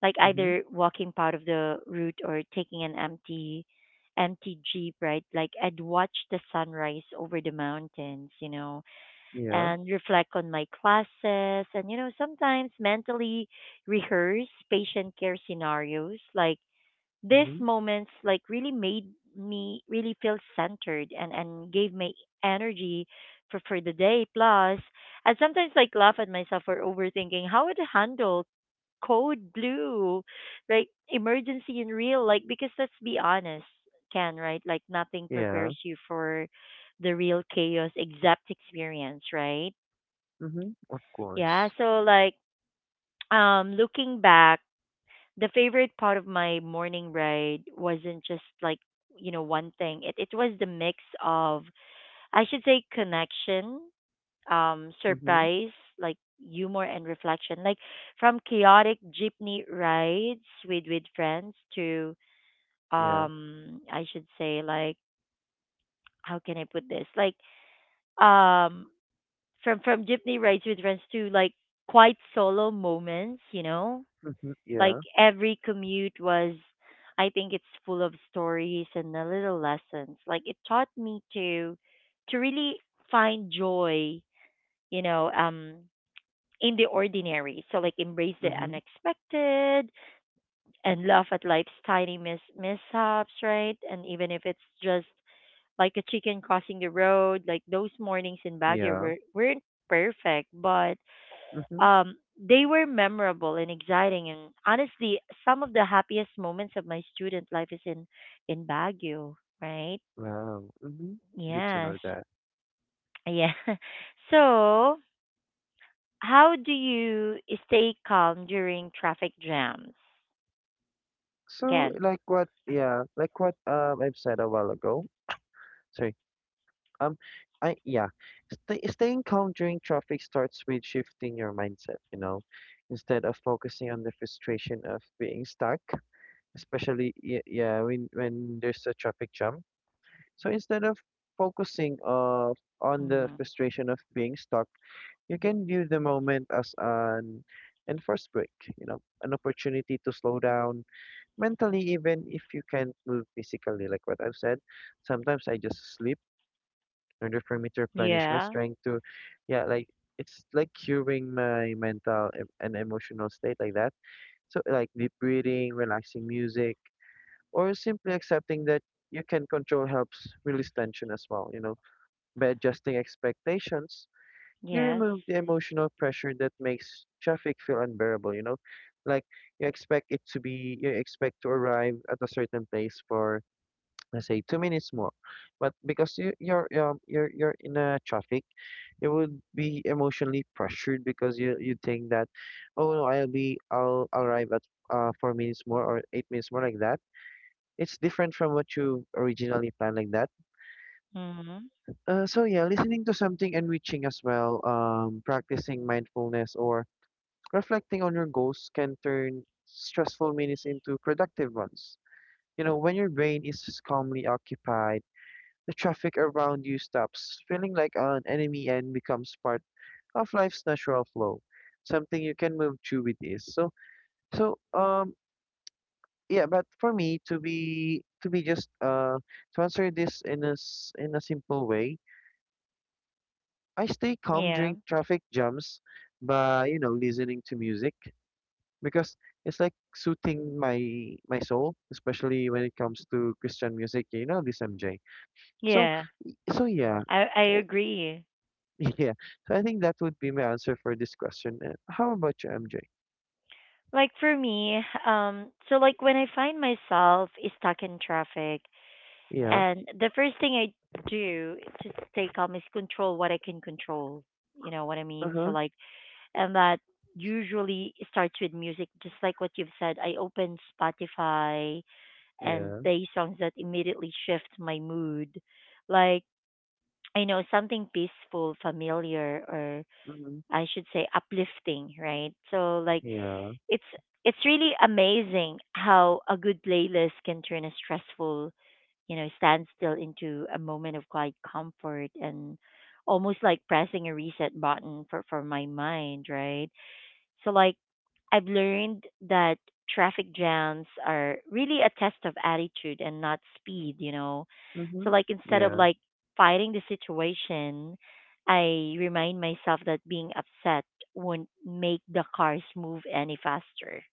[SPEAKER 1] like
[SPEAKER 2] Mm-hmm.
[SPEAKER 1] either walking part of the route or taking an empty jeep, right? Like I'd watch the sunrise over the mountains, you know,
[SPEAKER 2] Yeah.
[SPEAKER 1] and reflect on my classes, and you know sometimes mentally rehearse patient care scenarios. Like these
[SPEAKER 2] Mm-hmm.
[SPEAKER 1] moments like really made me really feel centered, and gave me energy for the day. Plus, I sometimes like laugh at myself for overthinking how would handle code blue, like emergency in real, like because let's be honest, Ken, right? Like nothing
[SPEAKER 2] Yeah.
[SPEAKER 1] prepares you for the real chaos except experience, right?
[SPEAKER 2] Mm-hmm. Of
[SPEAKER 1] Yeah.
[SPEAKER 2] course.
[SPEAKER 1] So like [TSK] looking back, the favorite part of my morning ride wasn't just like you know one thing. It was the mix of, I should say, connection,
[SPEAKER 2] Mm-hmm.
[SPEAKER 1] surprise, like humor and reflection, like from chaotic jeepney rides with friends to
[SPEAKER 2] Yeah.
[SPEAKER 1] I should say like how can I put this like um from jeepney rides with friends to like quite solo moments, you know.
[SPEAKER 2] Mm-hmm.
[SPEAKER 1] Like
[SPEAKER 2] Yeah.
[SPEAKER 1] every commute was, I think, it's full of stories and a little lessons. Like it taught me to really find joy, you know, in the ordinary. So like embrace the
[SPEAKER 2] Mm-hmm.
[SPEAKER 1] unexpected and laugh at life's tiny mishaps, right? And even if it's just like a chicken crossing the road, like those mornings in Baguio
[SPEAKER 2] Yeah.
[SPEAKER 1] were, weren't perfect, but
[SPEAKER 2] Mm-hmm.
[SPEAKER 1] they were memorable and exciting, and honestly, some of the happiest moments of my student life is in Baguio, right?
[SPEAKER 2] Wow. Mm-hmm. Good to know
[SPEAKER 1] Yes,
[SPEAKER 2] that.
[SPEAKER 1] yeah. [LAUGHS] So, how do you stay calm during traffic jams,
[SPEAKER 2] So
[SPEAKER 1] Ken?
[SPEAKER 2] like like what I've said a while ago. So Um, I yeah, staying calm during traffic starts with shifting your mindset. You know, instead of focusing on the frustration of being stuck, especially yeah when there's a traffic jam. So instead of focusing of on the
[SPEAKER 1] Mm-hmm.
[SPEAKER 2] frustration of being stuck, you can view the moment as an enforced break. You know, an opportunity to slow down mentally, even if you can't move physically. Like what I've said, sometimes I just sleep in order for me to replenish my
[SPEAKER 1] Yeah.
[SPEAKER 2] strength to yeah like it's like curing my mental and emotional state like that, so like deep breathing, relaxing music, or simply accepting that you can control helps release tension as well, you know. By adjusting expectations you
[SPEAKER 1] Yes.
[SPEAKER 2] remove the emotional pressure that makes traffic feel unbearable, you know, like you expect it to be you expect to arrive at a certain place for let's say two minutes more, but because you're you're in a traffic you would be emotionally pressured because you think that, oh no, I'll arrive at four minutes more or eight minutes more like that. It's different from what you originally planned like that.
[SPEAKER 1] Mm-hmm.
[SPEAKER 2] So yeah, listening to something enriching as well, practicing mindfulness or reflecting on your goals can turn stressful minutes into productive ones. You know, when your brain is calmly occupied, the traffic around you stops feeling like an enemy and becomes part of life's natural flow, something you can move to with ease. So, so um, yeah. But for me, to be just to answer this in a in a simple way, I stay calm
[SPEAKER 1] Yeah.
[SPEAKER 2] during traffic jams by you know listening to music because it's like soothing my soul, especially when it comes to Christian music. You know this MJ. So
[SPEAKER 1] Yeah.
[SPEAKER 2] yeah.
[SPEAKER 1] I
[SPEAKER 2] I-
[SPEAKER 1] agree.
[SPEAKER 2] [LAUGHS] Yeah, so I think that would be my answer for this question. How about you, MJ?
[SPEAKER 1] Like for me, so like when I find myself stuck in traffic,
[SPEAKER 2] Yeah.
[SPEAKER 1] and the first thing I do to stay calm is control what I can control. You know what I mean? So
[SPEAKER 2] Uh-huh.
[SPEAKER 1] like, and that usually starts with music, just like what you've said. I open Spotify and
[SPEAKER 2] Yeah.
[SPEAKER 1] play songs that immediately shift my mood. Like, I know something peaceful, familiar, or
[SPEAKER 2] Mm-hmm.
[SPEAKER 1] I should say uplifting, right? So like,
[SPEAKER 2] Yeah.
[SPEAKER 1] it's it's really amazing how a good playlist can turn a stressful, you know, stand still into a moment of quiet comfort and almost like pressing a reset button for my mind, right? So, like, I've learned that traffic jams are really a test of attitude and not speed, you know? So,
[SPEAKER 2] Mm-hmm.
[SPEAKER 1] like, instead of
[SPEAKER 2] Yeah.
[SPEAKER 1] like fighting the situation, I remind myself that being upset won't make the cars move any faster,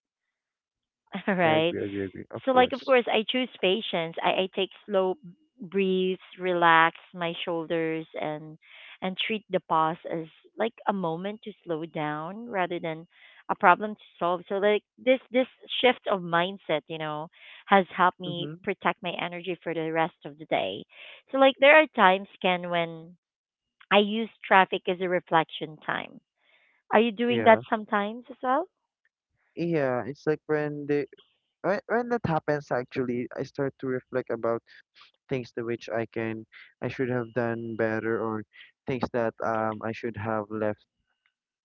[SPEAKER 1] [LAUGHS]
[SPEAKER 2] I
[SPEAKER 1] right?
[SPEAKER 2] agree. Agree. Agree. Of
[SPEAKER 1] So like of
[SPEAKER 2] course.
[SPEAKER 1] course I choose patience. I take slow breaths, relax my shoulders and treat the pause as like a moment to slow down rather than a problem to solve. So like this shift of mindset, you know, has helped me
[SPEAKER 2] Mm-hmm.
[SPEAKER 1] protect my energy for the rest of the day. So like there are times, Ken, when I use traffic as a reflection time. Are you doing that
[SPEAKER 2] Yeah.
[SPEAKER 1] sometimes as well?
[SPEAKER 2] Yeah, it's like when that happens actually, I start to reflect about things to which I should have done better, or things that I should have left,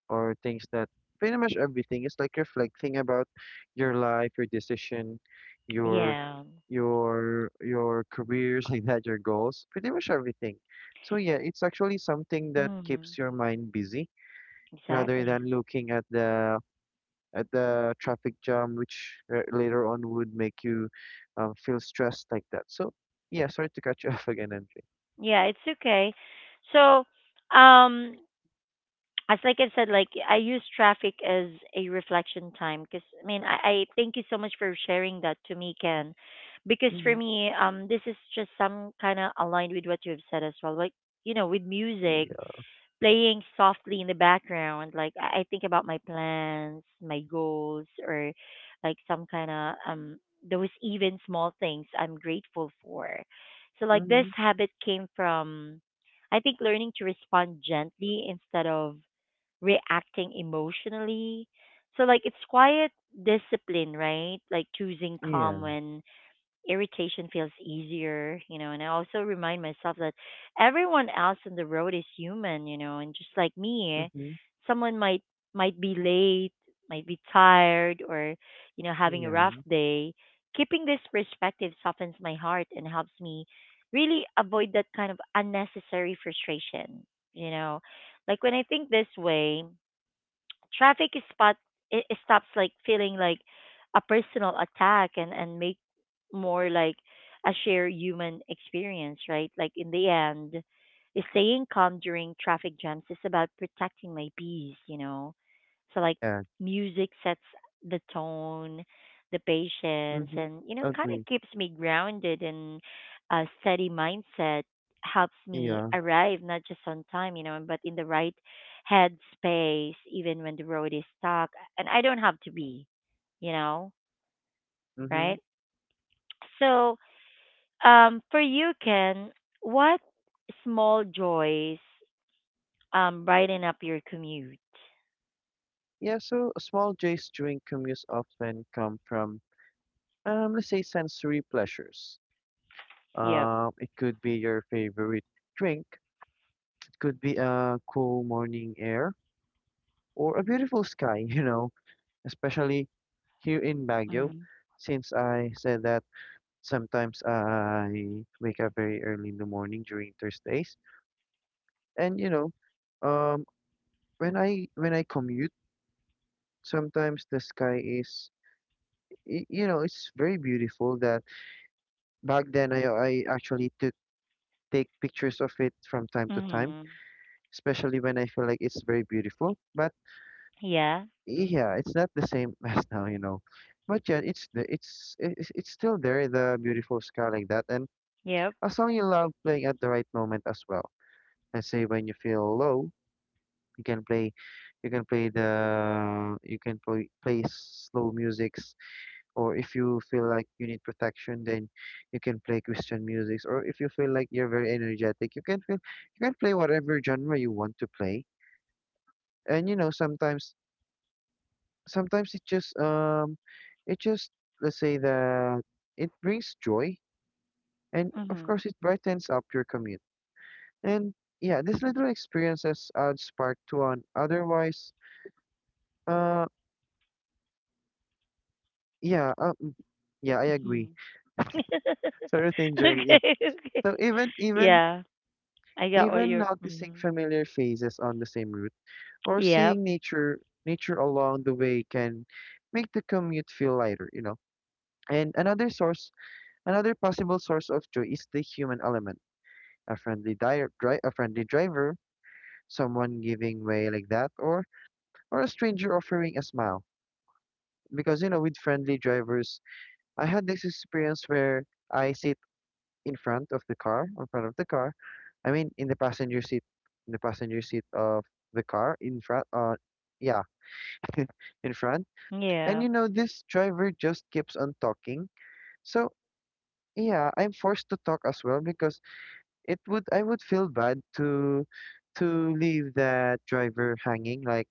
[SPEAKER 2] or things that pretty much everything is like reflecting about your life, your decision, your
[SPEAKER 1] Yeah.
[SPEAKER 2] your careers [LAUGHS] like that, your goals, pretty much everything. So yeah, it's actually something that
[SPEAKER 1] Hmm.
[SPEAKER 2] keeps your mind busy rather
[SPEAKER 1] Exactly.
[SPEAKER 2] than looking at the traffic jam, which later on would make you feel stressed like that. So yeah, sorry to cut you [LAUGHS] off again, MJ.
[SPEAKER 1] Yeah, it's okay. So, um, as like I said, like I use traffic as a reflection time because I mean I thank you so much for sharing that to me, Ken, because for
[SPEAKER 2] Mm-hmm.
[SPEAKER 1] me, this is just some kind of aligned with what you have said as well. Like you know, with music
[SPEAKER 2] Yeah.
[SPEAKER 1] playing softly in the background, like I think about my plans, my goals, or like some kind of those even small things I'm grateful for. So like this
[SPEAKER 2] Mm-hmm.
[SPEAKER 1] habit came from, I think, learning to respond gently instead of reacting emotionally. So like it's quiet discipline, right? Like choosing calm
[SPEAKER 2] Yeah.
[SPEAKER 1] when irritation feels easier, you know, and I also remind myself that everyone else on the road is human, you know, and just like me,
[SPEAKER 2] Mm-hmm.
[SPEAKER 1] someone might be late, might be tired, or, you know, having a rough
[SPEAKER 2] Yeah.
[SPEAKER 1] day. Keeping this perspective softens my heart and helps me really avoid that kind of unnecessary frustration, you know. Like when I think this way, traffic is it stops like feeling like a personal attack, and make more like a shared human experience, right? Like in the end, staying calm during traffic jams is about protecting my peace, you know? So like
[SPEAKER 2] Yeah.
[SPEAKER 1] music sets the tone, the patience,
[SPEAKER 2] Mm-hmm.
[SPEAKER 1] and you know, kind of
[SPEAKER 2] Agree.
[SPEAKER 1] keeps me grounded, and a steady mindset helps me
[SPEAKER 2] Yeah.
[SPEAKER 1] arrive not just on time, you know, but in the right head space, even when the road is stuck and I don't have to be, you know,
[SPEAKER 2] Mm-hmm.
[SPEAKER 1] right? So for you, Ken, what small joys brighten up your commute?
[SPEAKER 2] Yeah, so small joys during commutes often come from, let's say, sensory pleasures.
[SPEAKER 1] Yep.
[SPEAKER 2] It could be your favorite drink, it could be a cool morning air, or a beautiful sky, [LAUGHS] you know, especially here in Baguio.
[SPEAKER 1] Mm.
[SPEAKER 2] Since I said that sometimes I wake up very early in the morning during Thursdays, and you know, um, when I commute, sometimes the sky is, you know, it's very beautiful that back then, I actually took take pictures of it from time to time,
[SPEAKER 1] Mhm.
[SPEAKER 2] especially when I feel like it's very beautiful. But
[SPEAKER 1] Yeah.
[SPEAKER 2] yeah, it's not the same [LAUGHS] as now, you know. But yeah, it's still there, the beautiful sky like that, and
[SPEAKER 1] Yep.
[SPEAKER 2] a song you love playing at the right moment as well. Let's say when you feel low, you can play, you can play the you can play play slow music, or if you feel like you need protection, then you can play Christian music, or if you feel like you're very energetic, you can play whatever genre you want to play. And you know, sometimes it just it just let's say that it brings joy, and of
[SPEAKER 1] Mhm.
[SPEAKER 2] course it brightens up your commute. And yeah, these little experiences add spark to an otherwise uh yeah um, yeah I agree,
[SPEAKER 1] Mhm.
[SPEAKER 2] [LAUGHS] thorough
[SPEAKER 1] [LAUGHS]
[SPEAKER 2] thing journey. [LAUGHS] Yeah,
[SPEAKER 1] Okay. Okay.
[SPEAKER 2] so even
[SPEAKER 1] Yeah. I got what
[SPEAKER 2] even
[SPEAKER 1] you're.
[SPEAKER 2] noticing
[SPEAKER 1] Mhm.
[SPEAKER 2] familiar faces on the same route or
[SPEAKER 1] Yep.
[SPEAKER 2] seeing nature along the way can make the commute feel lighter, you know. And another source, another possible source of joy, is the human element. A friendly driver, someone giving way like that, or a stranger offering a smile. Because you know, with friendly drivers, I had this experience where I sit in front of the car. I mean, in the passenger seat of the car, in front, yeah, in front. And
[SPEAKER 1] Yep.
[SPEAKER 2] you know, this driver just keeps on talking. So yeah, I'm forced to talk as well because it would I would feel bad to leave that driver hanging, like,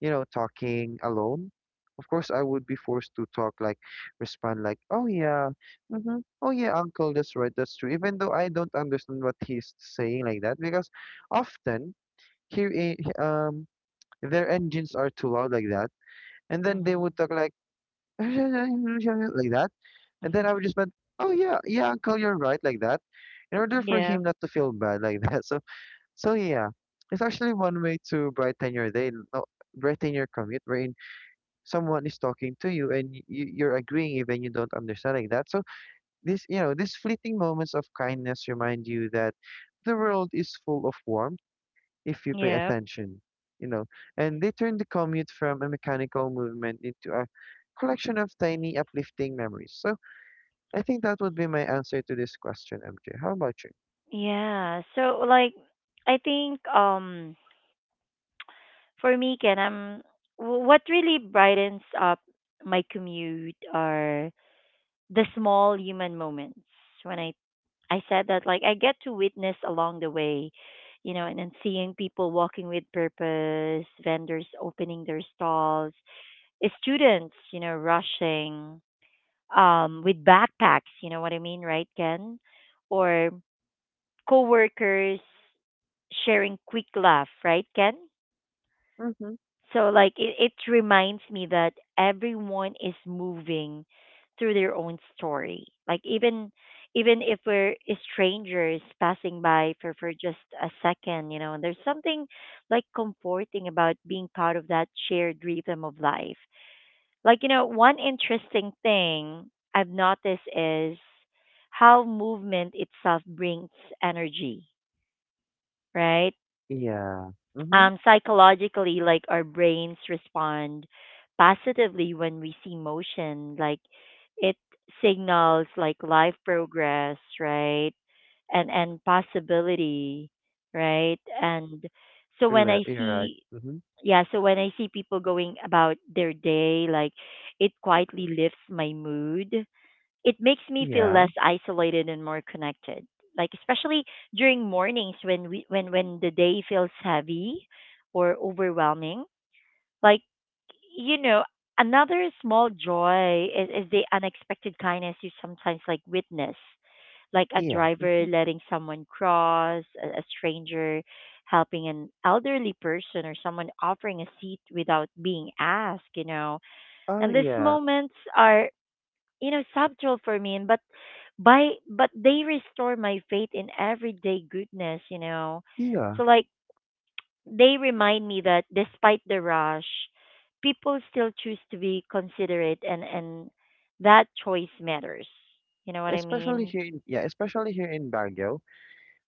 [SPEAKER 2] you know, talking alone. Of course, I would be forced to talk, like, respond, like, oh yeah, mm-hmm, oh yeah, uncle, that's right, that's true. Even though I don't understand what he's saying like that, because often here, their engines are too loud like that, and then they
[SPEAKER 1] Mhm.
[SPEAKER 2] would talk like [LAUGHS] like that, and then I would just be,
[SPEAKER 1] [LAUGHS]
[SPEAKER 2] oh yeah, yeah, uncle, you're right, like that, in order for him
[SPEAKER 1] Yep.
[SPEAKER 2] not to feel bad like that. [LAUGHS] So yeah, it's actually one way to brighten your day, no, brighten your commute, wherein someone is talking to you and you're agreeing even you don't understand like that. So these fleeting moments of kindness remind you that the world is full of warmth if you pay
[SPEAKER 1] Yep.
[SPEAKER 2] attention, you know, and they turn the commute from a mechanical movement into a collection of tiny uplifting memories. So I think that would be my answer to this question, MJ. How about you?
[SPEAKER 1] Yeah. So like, I think for me, Ken, what really brightens up my commute are the small human moments. When I said that, like I get to witness along the way, you know, and then seeing people walking with purpose, vendors opening their stalls, eh, students, you know, rushing with backpacks. You know what I mean, right, Ken? Or coworkers sharing quick laugh, right, Ken?
[SPEAKER 2] Mm-hmm.
[SPEAKER 1] So like it reminds me that everyone is moving through their own story. Like even if we're strangers passing by for just a second, you know, and there's something like comforting about being part of that shared rhythm of life. Like, you know, one interesting thing I've noticed is how movement itself brings energy, right?
[SPEAKER 2] Yeah. Mm-hmm.
[SPEAKER 1] Psychologically, like our brains respond positively when we see motion. Like it signals like life progress, right? And possibility, right? And so when I
[SPEAKER 2] You're right.
[SPEAKER 1] see
[SPEAKER 2] Mm-hmm.
[SPEAKER 1] yeah, so when I see people going about their day, like it quietly lifts my mood. It makes me feel
[SPEAKER 2] Yeah,
[SPEAKER 1] less isolated and more connected. Like especially during mornings when we when the day feels heavy or overwhelming. Like you know, another small joy is the unexpected kindness you sometimes like witness, like a
[SPEAKER 2] yeah.
[SPEAKER 1] driver letting someone cross, a stranger helping an elderly person, or someone offering a seat without being asked. You know,
[SPEAKER 2] Oh,
[SPEAKER 1] and these
[SPEAKER 2] yeah,
[SPEAKER 1] moments are, you know, subtle for me, and but by but they restore my faith in everyday goodness, you know.
[SPEAKER 2] yeah.
[SPEAKER 1] So like they remind me that despite the rush people still choose to be considerate, and that choice matters. You know what I
[SPEAKER 2] Especially
[SPEAKER 1] mean?
[SPEAKER 2] here in especially here in Baguio,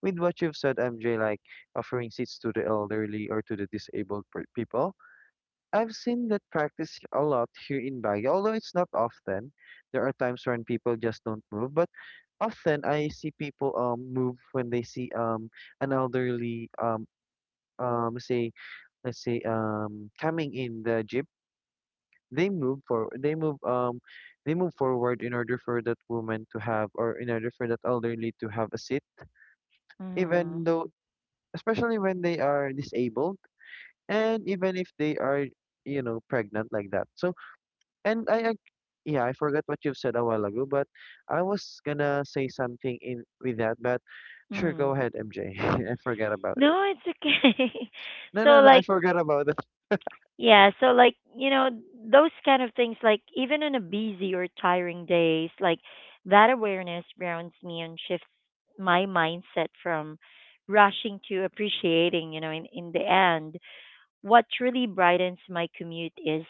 [SPEAKER 2] with what you've said, MJ, like offering seats to the elderly or to the people. I've seen that practice a lot here in Baguio, although it's not often. There are times when people just don't move, but often I see people move when they see an elderly say, let's say coming in the jeep, they move they move forward in order for that woman to have, or in order for that elderly to have a seat, even
[SPEAKER 1] Mhm.
[SPEAKER 2] though, especially when they are disabled, and even if they are, you know, pregnant like that. So and i ag- yeah, I forgot what you've said a while ago, but I was gonna say something in with that. But sure, go
[SPEAKER 1] Mhm.
[SPEAKER 2] ahead, MJ. [LAUGHS] I forgot about it.
[SPEAKER 1] No, it's okay. [LAUGHS]
[SPEAKER 2] no
[SPEAKER 1] So
[SPEAKER 2] no no I
[SPEAKER 1] like,
[SPEAKER 2] forgot about it.
[SPEAKER 1] yeah, so like, you know, those kind of things, like even on a busy or tiring days, like that awareness grounds me and shifts my mindset from rushing to appreciating, you know, in, the end, what truly brightens my commute is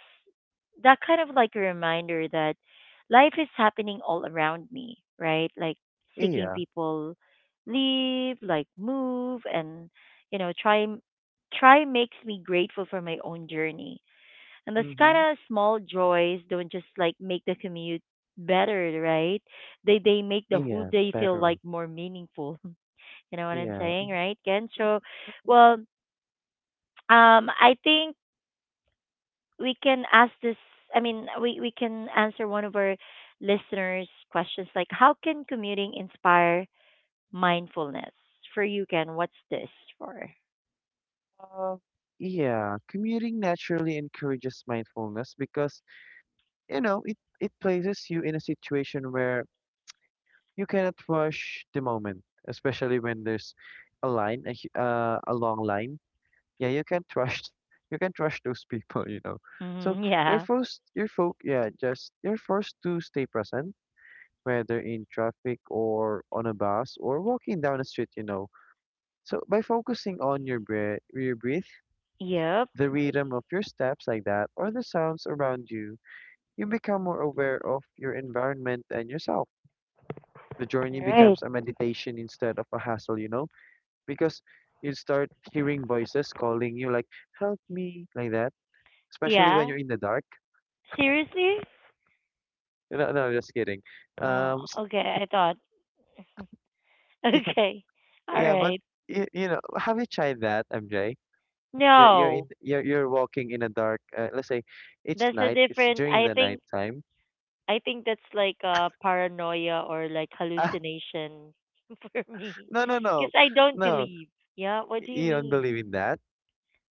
[SPEAKER 1] that kind of like a reminder that life is happening all around me, right? Like seeking
[SPEAKER 2] Yeah,
[SPEAKER 1] people leave, like move, and, you know, try makes me grateful for my own journey, and those kind
[SPEAKER 2] mm-hmm,
[SPEAKER 1] of small joys don't just like make the commute better, right? They make the whole
[SPEAKER 2] yeah
[SPEAKER 1] day feel
[SPEAKER 2] better,
[SPEAKER 1] like more meaningful. [LAUGHS] You know what I'm
[SPEAKER 2] yeah.
[SPEAKER 1] saying, right, Ken? So, well, I think we can ask this. I mean, we can answer one of our listeners' questions, like how can commuting inspire mindfulness for you, Ken? What's this for?
[SPEAKER 2] Uh, yeah, commuting naturally encourages mindfulness because, you know, it places you in a situation where you cannot rush the moment, especially when there's a line, a long line. Yeah, you can't rush, [LAUGHS] you can't rush those people, you know. So
[SPEAKER 1] Mm, [LAUGHS]
[SPEAKER 2] you're
[SPEAKER 1] yeah.
[SPEAKER 2] forced, you're fo yeah, just you're forced to stay present, whether in traffic or on a bus or walking down the street, you know. So by focusing on your breath,
[SPEAKER 1] Yep.
[SPEAKER 2] the rhythm of your steps like that, or the sounds around you, you become more aware of your environment and yourself. The journey
[SPEAKER 1] Right.
[SPEAKER 2] becomes a meditation instead of a hassle, you know, because you start hearing voices calling you like, help me, like that, especially when
[SPEAKER 1] Yeah.
[SPEAKER 2] you're in the dark.
[SPEAKER 1] Seriously?
[SPEAKER 2] No, no, just kidding.
[SPEAKER 1] Oh,
[SPEAKER 2] Um,
[SPEAKER 1] okay. I thought. Hmm. [LAUGHS]
[SPEAKER 2] [LAUGHS] yeah,
[SPEAKER 1] Okay. All
[SPEAKER 2] yeah, but
[SPEAKER 1] right.
[SPEAKER 2] you know, have you tried that, MJ?
[SPEAKER 1] No,
[SPEAKER 2] You're walking in a dark, let's say it's
[SPEAKER 1] that's a
[SPEAKER 2] night, it's
[SPEAKER 1] different.
[SPEAKER 2] during the night time.
[SPEAKER 1] I think that's like a paranoia or like hallucination [LAUGHS] for
[SPEAKER 2] [LAUGHS]
[SPEAKER 1] me,
[SPEAKER 2] no no no
[SPEAKER 1] because I don't
[SPEAKER 2] no.
[SPEAKER 1] believe. Yeah. What do you
[SPEAKER 2] You don't
[SPEAKER 1] mean?
[SPEAKER 2] believe in that?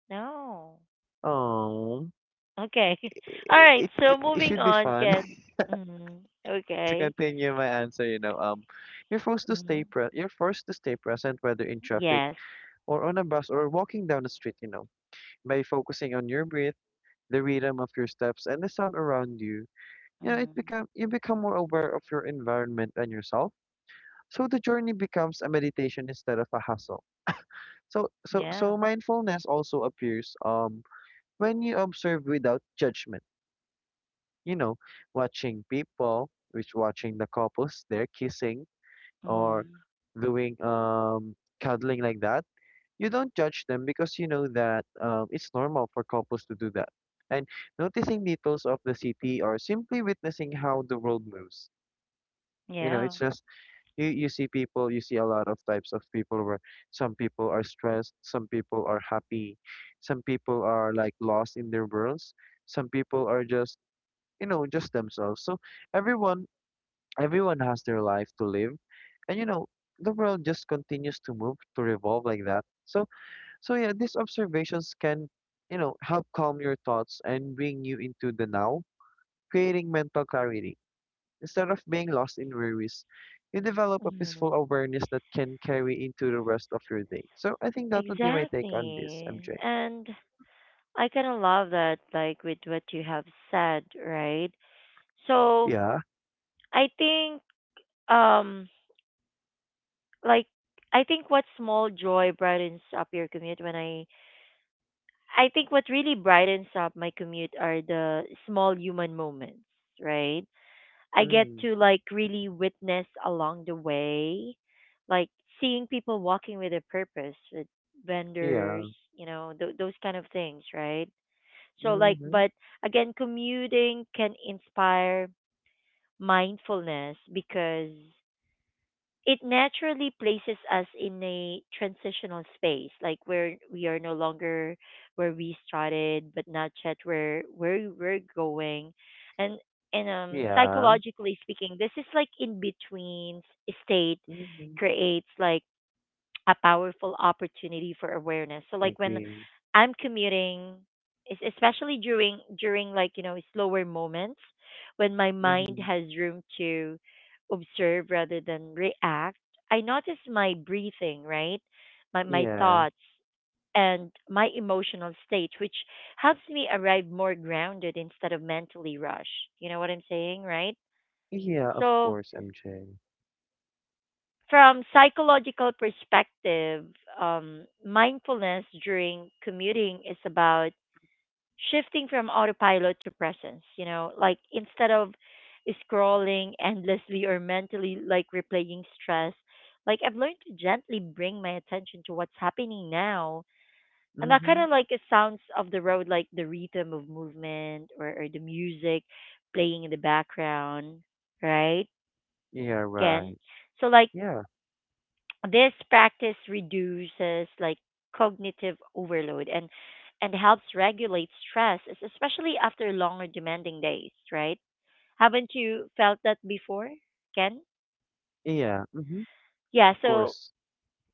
[SPEAKER 1] No.
[SPEAKER 2] Oh,
[SPEAKER 1] Okay.
[SPEAKER 2] I
[SPEAKER 1] [LAUGHS] All right.
[SPEAKER 2] it
[SPEAKER 1] So moving
[SPEAKER 2] should be
[SPEAKER 1] on,
[SPEAKER 2] fun.
[SPEAKER 1] Ken.
[SPEAKER 2] [LAUGHS]
[SPEAKER 1] Mm-hmm.
[SPEAKER 2] To
[SPEAKER 1] Okay.
[SPEAKER 2] continue my answer, you know,
[SPEAKER 1] Mm-hmm.
[SPEAKER 2] you're forced to stay present, whether in traffic
[SPEAKER 1] Yes.
[SPEAKER 2] or on a bus or walking down the street, you know. By focusing on your breath, the rhythm of your steps, and the sound around you, you know, it
[SPEAKER 1] Mm-hmm.
[SPEAKER 2] become you become more aware of your environment and yourself. So the journey becomes a meditation instead of a hustle. So so
[SPEAKER 1] Yeah.
[SPEAKER 2] so mindfulness also appears when you observe without judgment. You know, watching people, which watching the couples, they're kissing or
[SPEAKER 1] Mm-hmm.
[SPEAKER 2] doing cuddling like that, you don't judge them because you know that it's normal for couples to do that. And noticing details of the city or simply witnessing how the world moves. You know,
[SPEAKER 1] Yeah.
[SPEAKER 2] it's just you see people, you see a lot of types of people where some people are stressed, some people are happy, some people are like lost in their worlds, some people are just, you know, just themselves. So everyone everyone has their life to live, and you know, the world just continues to move to revolve like that. So so yeah, these observations can, you know, help calm your thoughts and bring you into the now, creating mental clarity. Instead of being lost in worries, you develop a
[SPEAKER 1] Mm-hmm.
[SPEAKER 2] peaceful awareness that can carry into the rest of your day. So I think that would be my take on this,
[SPEAKER 1] Exactly.
[SPEAKER 2] MJ.
[SPEAKER 1] And I kind of love that, like with what you have said, right? So
[SPEAKER 2] Yeah,
[SPEAKER 1] I think, um, like I think what small joy brightens up your commute when I think what really brightens up my commute are the small human moments, right? I get
[SPEAKER 2] mm,
[SPEAKER 1] to like really witness along the way, like seeing people walking with a purpose, with
[SPEAKER 2] yeah,
[SPEAKER 1] vendors, you know, those kind of things, right? So like
[SPEAKER 2] mm-hmm,
[SPEAKER 1] but again commuting can inspire mindfulness because it naturally places us in a transitional space, like where we are no longer where we started but not yet where we're going. And and
[SPEAKER 2] yeah,
[SPEAKER 1] psychologically speaking, this is like in between state,
[SPEAKER 2] mm-hmm,
[SPEAKER 1] creates like a powerful opportunity for awareness. So
[SPEAKER 2] I
[SPEAKER 1] like when
[SPEAKER 2] agree,
[SPEAKER 1] I'm commuting, especially during like you know slower moments, when my mind
[SPEAKER 2] mm-hmm.
[SPEAKER 1] has room to observe rather than react, I notice my breathing, right, my
[SPEAKER 2] Yeah,
[SPEAKER 1] thoughts and my emotional state, which helps me arrive more grounded instead of mentally rushed. You know what I'm saying, right?
[SPEAKER 2] yeah, of
[SPEAKER 1] So
[SPEAKER 2] course, MJ.
[SPEAKER 1] from psychological perspective, mindfulness during commuting is about shifting from autopilot to presence. You know, like instead of scrolling endlessly or mentally like replaying stress, like I've learned to gently bring my attention to what's happening now. And that kind
[SPEAKER 2] Mm-hmm.
[SPEAKER 1] of like it sounds of the road, like the rhythm of movement or the music playing in the background, right?
[SPEAKER 2] Yeah,
[SPEAKER 1] Ken.
[SPEAKER 2] right.
[SPEAKER 1] So like
[SPEAKER 2] Yeah,
[SPEAKER 1] this practice reduces like cognitive overload and helps regulate stress, especially after long or demanding days, right? Haven't you felt that before, Ken?
[SPEAKER 2] yeah, mm-hmm.
[SPEAKER 1] Yeah,
[SPEAKER 2] Of
[SPEAKER 1] so
[SPEAKER 2] course.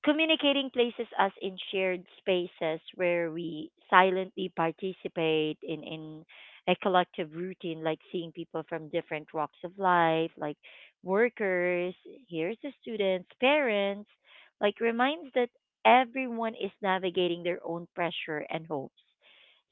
[SPEAKER 1] communicating places us in shared spaces where we silently participate in a collective routine, like seeing people from different walks of life, like workers, here's the students, parents, like reminds that everyone is navigating their own pressure and hopes.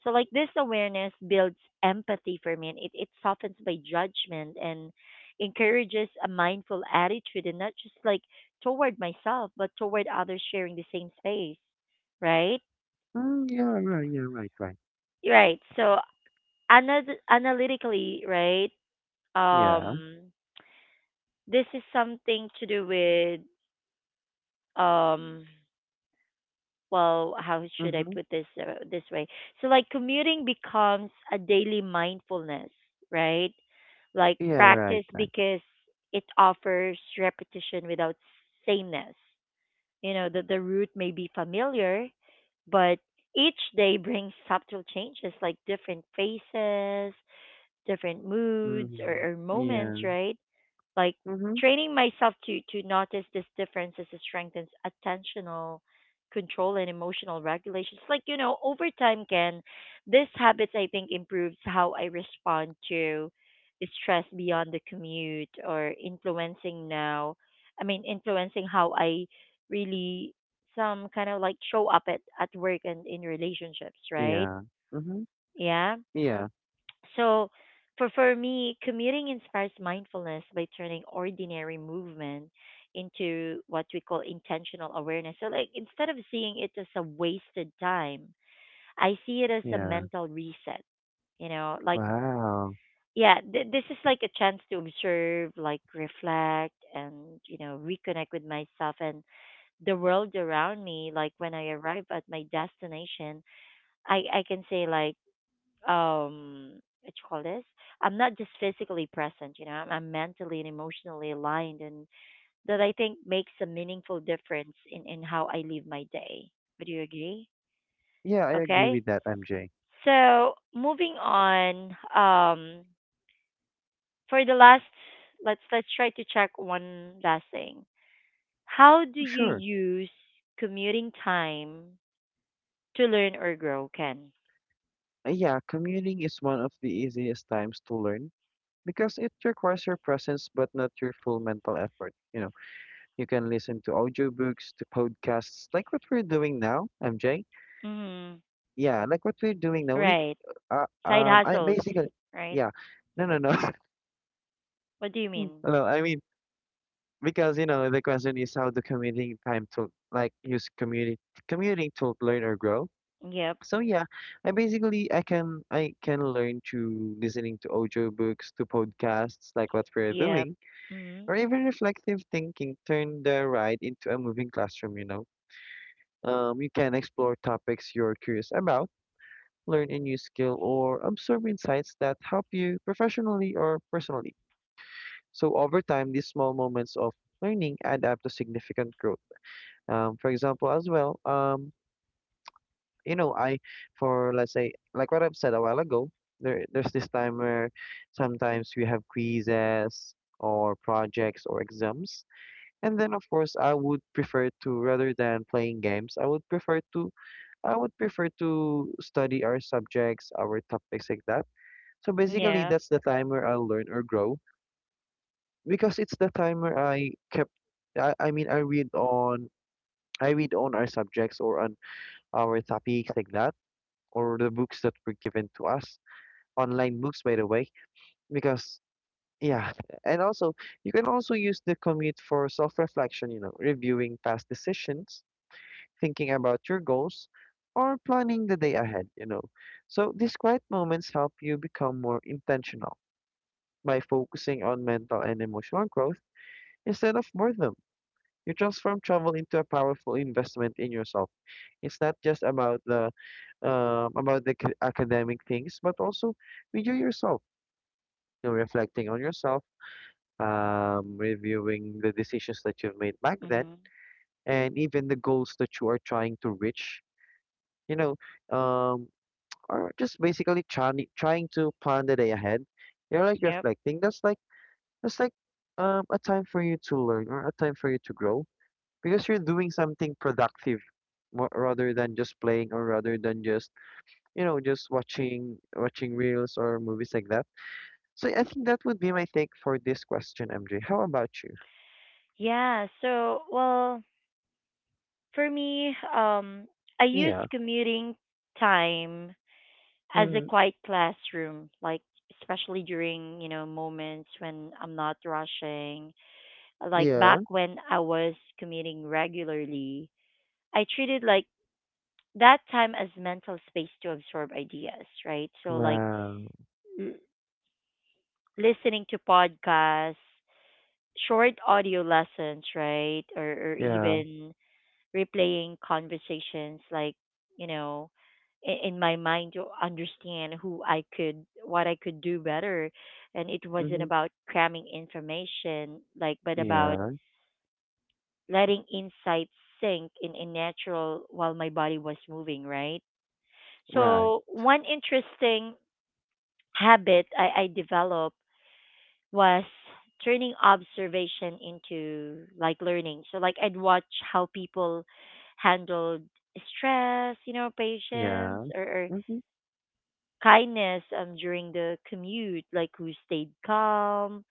[SPEAKER 1] So like this awareness builds empathy for me, and it softens my judgment and encourages a mindful attitude, and not just like toward myself, but toward others sharing the same space, right?
[SPEAKER 2] Mm, yeah, right, yeah, right, right.
[SPEAKER 1] Right. So analytically, right?
[SPEAKER 2] Yeah,
[SPEAKER 1] Um, this is something to do with um. Well, how should I
[SPEAKER 2] mm-hmm.
[SPEAKER 1] put this this way? So like commuting becomes a daily mindfulness, right? Like
[SPEAKER 2] Yeah, right,
[SPEAKER 1] practice,
[SPEAKER 2] right.
[SPEAKER 1] because it offers repetition without sameness. You know, the route may be familiar, but each day brings subtle changes, like different faces, different moods,
[SPEAKER 2] Mm-hmm.
[SPEAKER 1] or
[SPEAKER 2] Yeah,
[SPEAKER 1] moments, right? Like
[SPEAKER 2] mm-hmm.
[SPEAKER 1] training myself to notice these differences strengthens attentional control and emotional regulations. Like you know, over time, can these habits I think improves how I respond to stress beyond the commute or influencing now. I mean, influencing how I really some kind of like show up at work and in relationships, right?
[SPEAKER 2] Yeah, mm-hmm.
[SPEAKER 1] Yeah.
[SPEAKER 2] Yeah,
[SPEAKER 1] So for me, commuting inspires mindfulness by turning ordinary movement into what we call intentional awareness. So like instead of seeing it as a wasted time, I see it as a
[SPEAKER 2] yeah.
[SPEAKER 1] mental reset. You know, like
[SPEAKER 2] Wow.
[SPEAKER 1] yeah, this is like a chance to observe, like reflect, and you know, reconnect with myself and the world around me. Like when I arrive at my destination, I can say like um what you call this, I'm not just physically present, you know, I'm mentally and emotionally aligned, and that I think makes a meaningful difference in how I live my day. Would you agree?
[SPEAKER 2] Yeah, I agree
[SPEAKER 1] Okay,
[SPEAKER 2] with that, MJ.
[SPEAKER 1] so moving on, for the last, let's try to check one last thing. How do you
[SPEAKER 2] Sure.
[SPEAKER 1] use commuting time to learn or grow, Ken?
[SPEAKER 2] Yeah, commuting is one of the easiest times to learn because it requires your presence but not your full mental effort, you know. You can listen to audiobooks, to podcasts, like what we're doing now, MJ.
[SPEAKER 1] Mm-hmm.
[SPEAKER 2] Yeah, like what we're doing now.
[SPEAKER 1] Right.
[SPEAKER 2] Uh,
[SPEAKER 1] Side
[SPEAKER 2] um, I
[SPEAKER 1] hustles,
[SPEAKER 2] basically,
[SPEAKER 1] right?
[SPEAKER 2] yeah, no, no,
[SPEAKER 1] Mhm.
[SPEAKER 2] no, [LAUGHS]
[SPEAKER 1] What do you mean?
[SPEAKER 2] No, I mean, because you know, the question is how do commuting time to like use community commuting to learn or grow.
[SPEAKER 1] Yep.
[SPEAKER 2] So yeah, I can learn to listening to audiobooks, to podcasts, like what we're
[SPEAKER 1] Yep.
[SPEAKER 2] doing,
[SPEAKER 1] Mm-hmm.
[SPEAKER 2] or even reflective thinking. Turn the ride into a moving classroom. You know, you can explore topics you're curious about, learn a new skill, or absorb insights that help you professionally or personally. So over time, these small moments of learning add up to significant growth. For example, as well, you know, for let's say, like what I've said a while ago, there's this time where sometimes we have quizzes or projects or exams. And then, of course, I would prefer to, rather than playing games, I would prefer to study our subjects, our topics like that. So basically,
[SPEAKER 1] Yeah.
[SPEAKER 2] that's the time where I'll learn or grow because it's the time where I kept. I mean, I read on our subjects or on our topics like that, or the books that were given to us, online books, by the way, because yeah, and also you can also use the commute for self reflection. You know, reviewing past decisions, thinking about your goals, or planning the day ahead. You know. So these quiet moments help you become more intentional by focusing on mental and emotional growth instead of boredom. You transform travel into a powerful investment in yourself. It's not just about the academic things, but also with you yourself. You know, reflecting on yourself, reviewing the decisions that you've made back then,
[SPEAKER 1] Mm-hmm.
[SPEAKER 2] and even the goals that you are trying to reach. You know, um, or just basically trying to plan the day ahead. You're like
[SPEAKER 1] Yep.
[SPEAKER 2] reflecting. That's like a time for you to learn or a time for you to grow because you're doing something productive, more, rather than just playing or rather than just, you know, just watching reels or movies like that. So I think that would be my take for this question, MJ. How about you?
[SPEAKER 1] Yeah. So, well, for me, I use
[SPEAKER 2] Yeah.
[SPEAKER 1] commuting time as a
[SPEAKER 2] Mm,
[SPEAKER 1] quiet classroom, like especially during you know moments when I'm not rushing. Like back
[SPEAKER 2] yeah.
[SPEAKER 1] when I was commuting regularly, I treated like that time as mental space to absorb ideas, right? So like
[SPEAKER 2] Wow.
[SPEAKER 1] l- listening to podcasts, short audio lessons, right? Or
[SPEAKER 2] Yeah.
[SPEAKER 1] even replaying conversations, like, you know, in my mind to understand who I could, what I could do better. And it wasn't
[SPEAKER 2] Mm-hmm.
[SPEAKER 1] about cramming information, like, but about
[SPEAKER 2] Yeah.
[SPEAKER 1] letting insights sink in natural while my body was moving, right?
[SPEAKER 2] Right.
[SPEAKER 1] So, one interesting habit I developed was turning observation into like learning. So like I'd watch how people handled stress, you know, patience,
[SPEAKER 2] Yeah.
[SPEAKER 1] or
[SPEAKER 2] Mm-hmm.
[SPEAKER 1] kindness during the commute, like who stayed calm,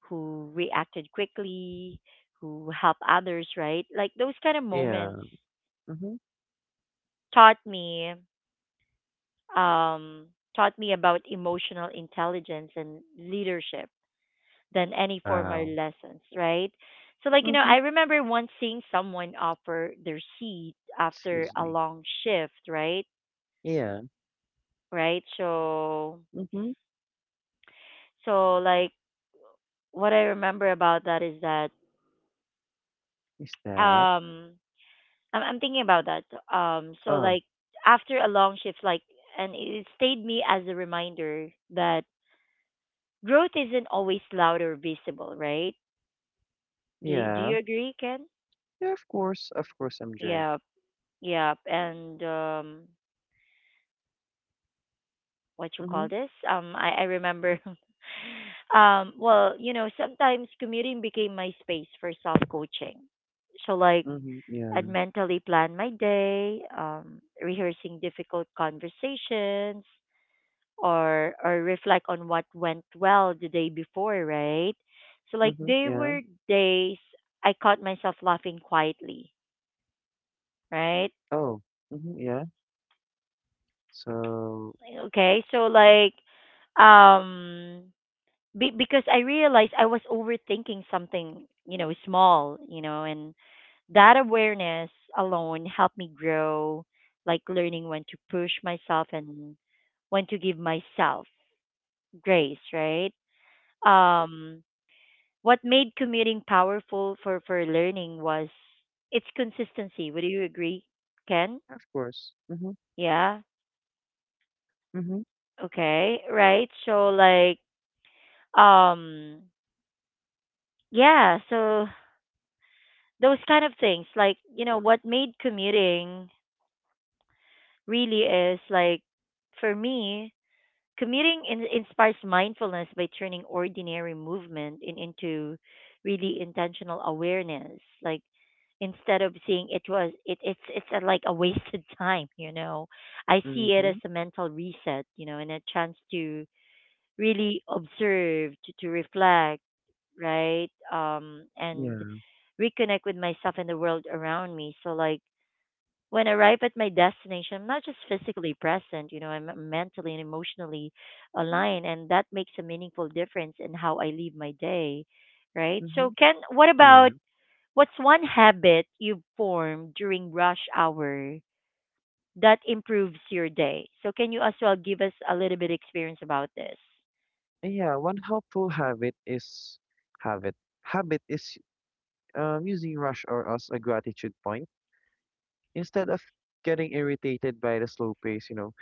[SPEAKER 1] who reacted quickly, who helped others, right? Like those kind of
[SPEAKER 2] Yeah.
[SPEAKER 1] moments
[SPEAKER 2] Mm-hmm.
[SPEAKER 1] taught me um taught me about emotional intelligence and leadership than any formal
[SPEAKER 2] Wow.
[SPEAKER 1] lessons, right? So, like, you know,
[SPEAKER 2] Mhm.
[SPEAKER 1] I remember once seeing someone offer their seat after
[SPEAKER 2] Excuse
[SPEAKER 1] a
[SPEAKER 2] me.
[SPEAKER 1] long shift, right?
[SPEAKER 2] Yeah.
[SPEAKER 1] Right? So,
[SPEAKER 2] Mhm.
[SPEAKER 1] so like, what I remember about that is that,
[SPEAKER 2] Is that?
[SPEAKER 1] um, I'm thinking about that. So,
[SPEAKER 2] Oh,
[SPEAKER 1] like, after a long shift, like, and it stayed me as a reminder that growth isn't always loud or visible, right? Do
[SPEAKER 2] yeah.
[SPEAKER 1] you agree, Ken?
[SPEAKER 2] Yeah, of course. Of course, MJ.
[SPEAKER 1] Yeah, yeah, and what you call
[SPEAKER 2] Mm-hmm.
[SPEAKER 1] this? I remember. [LAUGHS] Um, well, you know, sometimes commuting became my space for self coaching. So, like,
[SPEAKER 2] Mm-hmm. Yeah.
[SPEAKER 1] I'd mentally plan my day, rehearsing difficult conversations, or reflect on what went well the day before, right? So, like,
[SPEAKER 2] Mm-hmm.
[SPEAKER 1] there
[SPEAKER 2] Yeah.
[SPEAKER 1] were days I caught myself laughing quietly, right?
[SPEAKER 2] Oh. Mm-hmm. Yeah. So,
[SPEAKER 1] Okay, so like um Be- because I realized I was overthinking something, you know, small, you know, and that awareness alone helped me grow, like learning when to push myself and when to give myself grace, right? Um, what made commuting powerful for learning was its consistency. Would you agree, Ken?
[SPEAKER 2] of course. Mm-hmm.
[SPEAKER 1] Yeah.
[SPEAKER 2] Mm-hmm.
[SPEAKER 1] Okay. Right. So like, um, yeah. So those kind of things like you know what made commuting really is like for me, commuting inspires mindfulness by turning ordinary movement in, into really intentional awareness, like instead of seeing it was it it's like a wasted [LAUGHS] time, you know, I see it as
[SPEAKER 2] Mm-hmm.
[SPEAKER 1] a mental reset, you know, and a chance to really observe, to reflect, right, and
[SPEAKER 2] Yeah.
[SPEAKER 1] reconnect with myself and the world around me. So like when I arrive at my destination, I'm not just physically present, you know, I'm mentally and emotionally aligned, and that makes a meaningful difference in how I live my day, right? So,
[SPEAKER 2] Mm-hmm.
[SPEAKER 1] Ken, what
[SPEAKER 2] Yeah.
[SPEAKER 1] about what's one habit you've formed during rush hour that improves your day? So, can you as well give us a little bit experience about this?
[SPEAKER 2] Yeah. One helpful habit is habit. Habit is using rush or as a gratitude point instead of getting irritated by the slow pace. You know,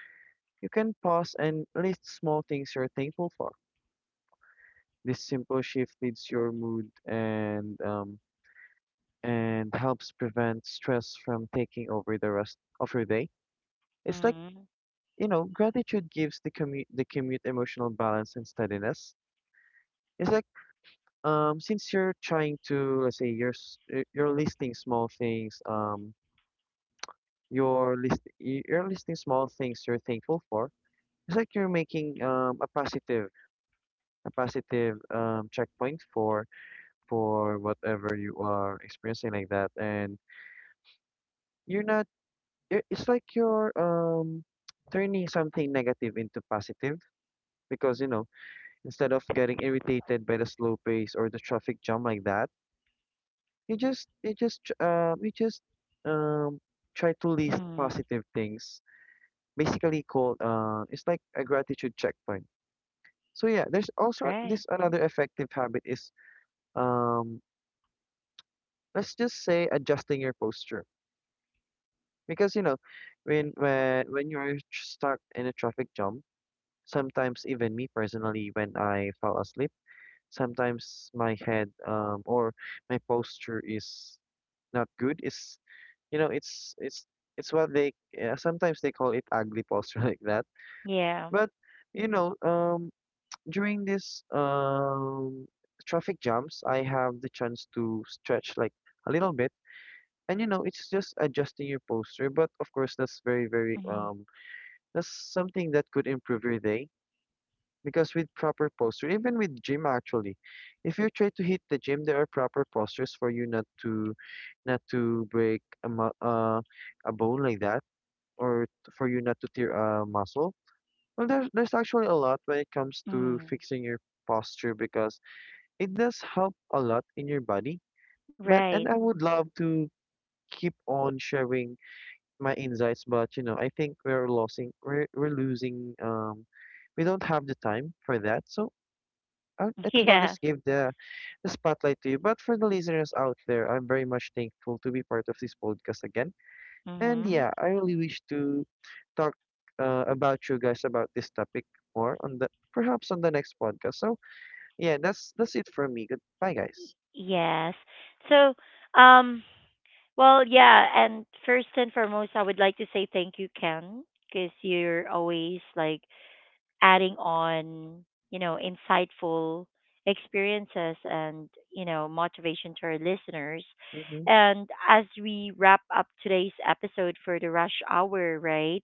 [SPEAKER 2] you can pause and list small things you're thankful for. This simple shift leads your mood and and helps prevent stress from taking over the rest of your day. It's like,
[SPEAKER 1] Mm,
[SPEAKER 2] you know, gratitude gives the commute emotional balance and steadiness. It's like since you're trying to, let's say, you're listing small things, you're listing small things you're thankful for. It's like you're making a positive, a positive checkpoint for whatever you are experiencing like that. And You're not I- it's like you're turning something negative into positive because, you know, instead of getting irritated by the slow pace or the traffic jam like that, you just tr- you just um try to list
[SPEAKER 1] mm,
[SPEAKER 2] positive things. Basically called, it's like a gratitude checkpoint. So yeah, there's also
[SPEAKER 1] great.
[SPEAKER 2] this another effective habit is, um let's just say, adjusting your posture because, you know, when you're stuck in a traffic jam. Sometimes, even me personally, when I fall asleep, sometimes my head or my posture is not good. It's, you know, it's what they, sometimes they call it ugly posture [LAUGHS] like that.
[SPEAKER 1] Yeah.
[SPEAKER 2] But you know, during this traffic jams, I have the chance to stretch like a little bit. And you know, it's just adjusting your posture, but of course, that's very, very
[SPEAKER 1] Mm,
[SPEAKER 2] um, that's something that could improve your day because with proper posture, even with gym actually, if you try to hit the gym, there are proper postures for you not to break a a bone like that, or for you not to tear a muscle. Well, there's actually a lot when it comes to
[SPEAKER 1] mm,
[SPEAKER 2] fixing your posture because it does help a lot in your body. But,
[SPEAKER 1] right.
[SPEAKER 2] and I would love to keep on sharing my insights, but you know, I think we're losing, we don't have the time for that. So I,
[SPEAKER 1] [LAUGHS]
[SPEAKER 2] I think I'll
[SPEAKER 1] Yeah.
[SPEAKER 2] just give the spotlight to you. But for the listeners out there, I'm very much thankful to be part of this podcast again. And
[SPEAKER 1] Mm,
[SPEAKER 2] yeah, I really wish to talk, about you guys about this topic more on the, perhaps on the next podcast. So yeah, that's it from me. Goodbye, guys.
[SPEAKER 1] yes. So, um, well, yeah, and first and foremost, I would like to say thank you, Ken, because you're always like adding on, you know, insightful experiences and, you know, motivation to our listeners.
[SPEAKER 2] Mm-hmm.
[SPEAKER 1] And as we wrap up today's episode for the rush hour, right?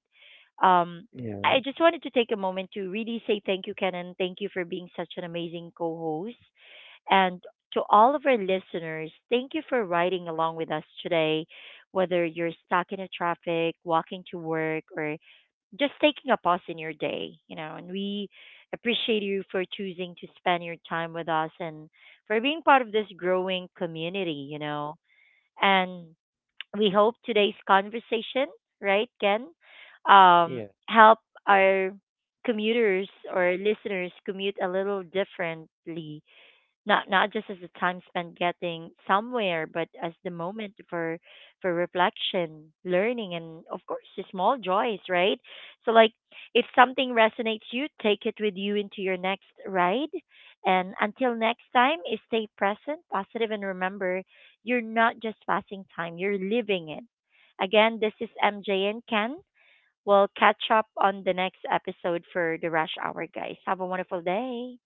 [SPEAKER 1] Um, I
[SPEAKER 2] Yeah.
[SPEAKER 1] just wanted to take a moment to really say thank you, Ken, and thank you for being such an amazing co host, and to all of our listeners, thank you for riding along with us today. Whether you're stuck in a traffic, walking to work, or just taking a pause in your day, you know, and we appreciate you for choosing to spend your time with us and for being part of this growing community, you know. And we hope today's conversation, right, Ken,
[SPEAKER 2] Yeah.
[SPEAKER 1] help our commuters or listeners commute a little differently, not not just as the time spent getting somewhere, but as the moment for reflection, learning, and of course the small joys, right? So like, if something resonates, you take it with you into your next ride. And until next time, is stay present, positive, and remember, you're not just passing time, you're living it. Again, this is MJ and Ken. We'll catch up on the next episode for the rush hour, guys. Have a wonderful day.